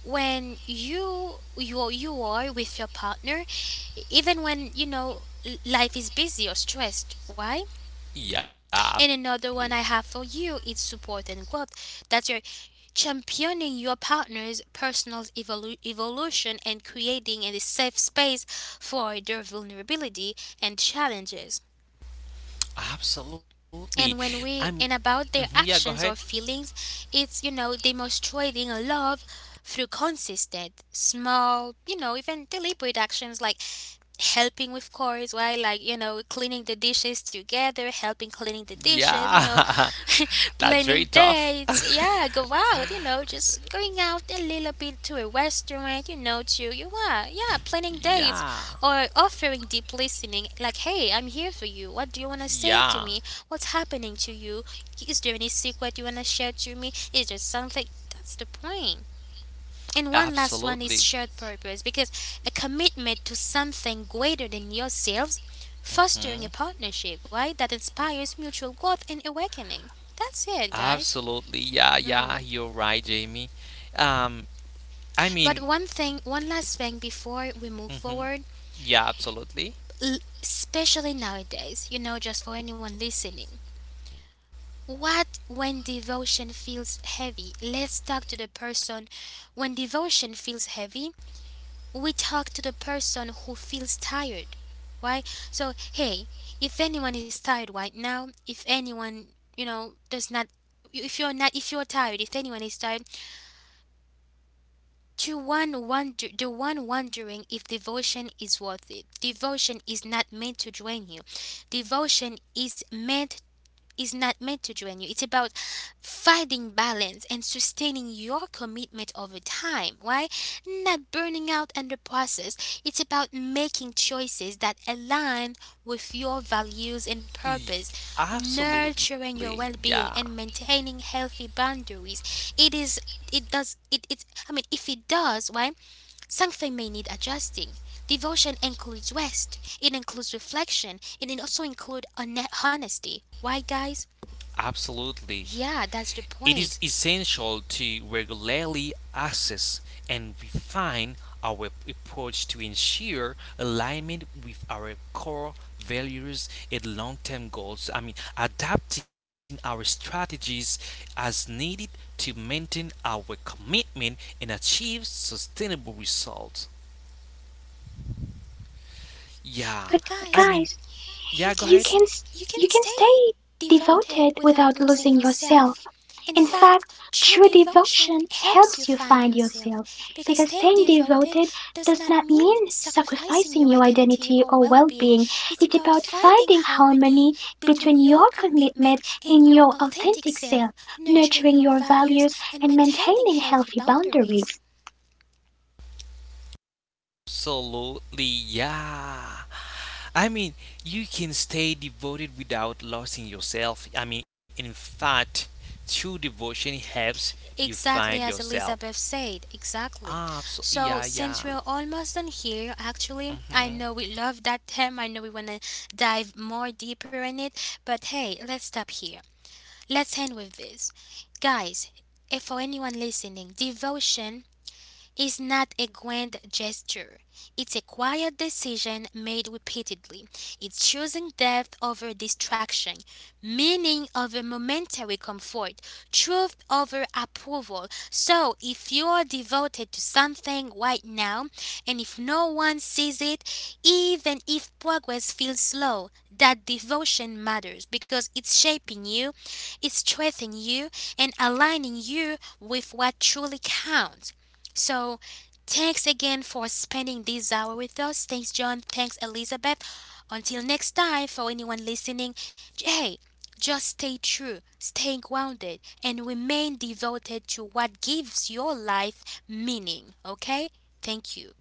Speaker 1: when you are with your partner, even when you know life is busy or stressed, right?
Speaker 2: Yeah.
Speaker 1: And another one I have for you is support and growth, that you're championing your partner's evolution and creating a safe space for their vulnerability and challenges.
Speaker 2: Absolutely. Absolutely.
Speaker 1: And when
Speaker 2: I
Speaker 1: we
Speaker 2: mean,
Speaker 1: and about their
Speaker 2: mhm, yeah, Go ahead.
Speaker 1: actions or feelings, it's you know demonstrating love through consistent small you know even deliberate actions like helping with chores, right? Like, you know, cleaning the dishes together, helping cleaning the dishes, you know,
Speaker 2: Yeah.
Speaker 1: <laughs>
Speaker 2: <laughs> That's
Speaker 1: planning
Speaker 2: very tough.
Speaker 1: dates. Yeah,
Speaker 2: <laughs>
Speaker 1: go out, you know, just going out a little bit to a restaurant, you know, to, you are, yeah, planning dates
Speaker 2: Yeah.
Speaker 1: or offering deep listening. Like, hey, I'm here for you. What do you want to say to
Speaker 2: Yeah.
Speaker 1: me? What's happening to you? Is there any secret you want to share to me? Is there something? That's the point. And one last one
Speaker 2: Absolutely.
Speaker 1: is shared purpose because a commitment to something greater than yourselves, fostering
Speaker 2: Mhm.
Speaker 1: a partnership, right? That inspires mutual growth and awakening. That's it, guys.
Speaker 2: Absolutely. Yeah,
Speaker 1: Mm.
Speaker 2: you're right, Jamie. Um, I
Speaker 1: But
Speaker 2: mean,
Speaker 1: one thing, one last thing before we move
Speaker 2: mhm,
Speaker 1: forward,
Speaker 2: yeah, Absolutely.
Speaker 1: especially nowadays, you know, just for anyone listening. What when devotion feels heavy? Let's talk to the person when devotion feels heavy. We talk to the person who feels tired, right? So hey, if anyone is tired right now, if anyone you know does not, if you're tired, if anyone is tired, to one wonder the one wondering if devotion is worth it, devotion is not meant to drain you. Devotion is not meant to drain you. It's about finding balance and sustaining your commitment over time. Why? Not burning out in the process. It's about making choices that align with your values and
Speaker 2: Y-
Speaker 1: purpose, nurturing
Speaker 2: Absolutely.
Speaker 1: your
Speaker 2: Yeah.
Speaker 1: well-being and maintaining healthy boundaries. It is it does it, it I mean if it does, why, something may need adjusting. Devotion includes rest, it includes reflection, and it also includes honesty. Why, guys?
Speaker 2: Absolutely.
Speaker 1: Yeah, that's the
Speaker 2: It
Speaker 1: point.
Speaker 2: is essential to regularly assess and refine our approach to ensure alignment with our core values and long-term goals. I mean, adapting our strategies as needed to maintain our commitment and achieve sustainable results. Yeah,
Speaker 3: but
Speaker 1: But
Speaker 2: I mean,
Speaker 3: guys,
Speaker 1: guys,
Speaker 2: yeah, Go
Speaker 3: You
Speaker 1: you
Speaker 2: ahead.
Speaker 3: can
Speaker 1: can
Speaker 3: s-
Speaker 1: st-
Speaker 3: you
Speaker 1: you can
Speaker 3: can stay
Speaker 1: stay
Speaker 3: devoted
Speaker 1: devoted
Speaker 3: without
Speaker 1: without losing
Speaker 3: losing yourself.
Speaker 1: yourself. In
Speaker 3: In fact,
Speaker 1: fact,
Speaker 3: true
Speaker 1: true devotion
Speaker 3: devotion
Speaker 1: helps
Speaker 3: helps
Speaker 1: you
Speaker 3: you
Speaker 1: find
Speaker 3: find yourself
Speaker 1: yourself because
Speaker 3: because staying
Speaker 1: staying
Speaker 3: devoted
Speaker 1: devoted
Speaker 3: does
Speaker 1: does
Speaker 3: not
Speaker 1: not mean
Speaker 3: mean
Speaker 1: sacrificing
Speaker 3: sacrificing
Speaker 1: your
Speaker 3: your
Speaker 1: identity
Speaker 3: identity
Speaker 1: or
Speaker 3: or
Speaker 1: well-being.
Speaker 3: well-being.
Speaker 1: It's
Speaker 3: It's
Speaker 1: about
Speaker 3: about
Speaker 1: finding
Speaker 3: finding
Speaker 1: harmony
Speaker 3: harmony between
Speaker 1: between your
Speaker 3: your commitment
Speaker 1: commitment and
Speaker 3: and
Speaker 1: your
Speaker 3: your
Speaker 1: authentic
Speaker 3: authentic self,
Speaker 1: self, nurturing
Speaker 3: nurturing
Speaker 1: your
Speaker 3: your values
Speaker 1: values
Speaker 3: and
Speaker 1: and maintaining
Speaker 3: maintaining
Speaker 1: healthy
Speaker 3: healthy
Speaker 1: boundaries.
Speaker 3: boundaries.
Speaker 2: Absolutely, yeah. I mean, you can stay devoted without losing yourself. I mean, in fact, true devotion helps you find
Speaker 1: Exactly as
Speaker 2: yourself.
Speaker 1: Elizabeth said, exactly.
Speaker 2: Absolutely, yeah,
Speaker 1: So,
Speaker 2: yeah.
Speaker 1: since we're almost done here, actually, I
Speaker 2: hmm
Speaker 1: know we love that term. I know we want to dive more deeper in it, but hey, let's stop here. Let's end with this. Guys, if for anyone listening, devotion is not a grand gesture. It's a quiet decision made repeatedly. It's choosing depth over distraction, meaning over momentary comfort, truth over approval. So, if you are devoted to something right now, and if no one sees it, even if progress feels slow, that devotion matters because it's shaping you, it's strengthening you, and aligning you with what truly counts. So, thanks again for spending this hour with us. Thanks, John. Thanks, Elizabeth. Until next time, for anyone listening, hey, just stay true, stay grounded, and remain devoted to what gives your life meaning, okay? Thank you.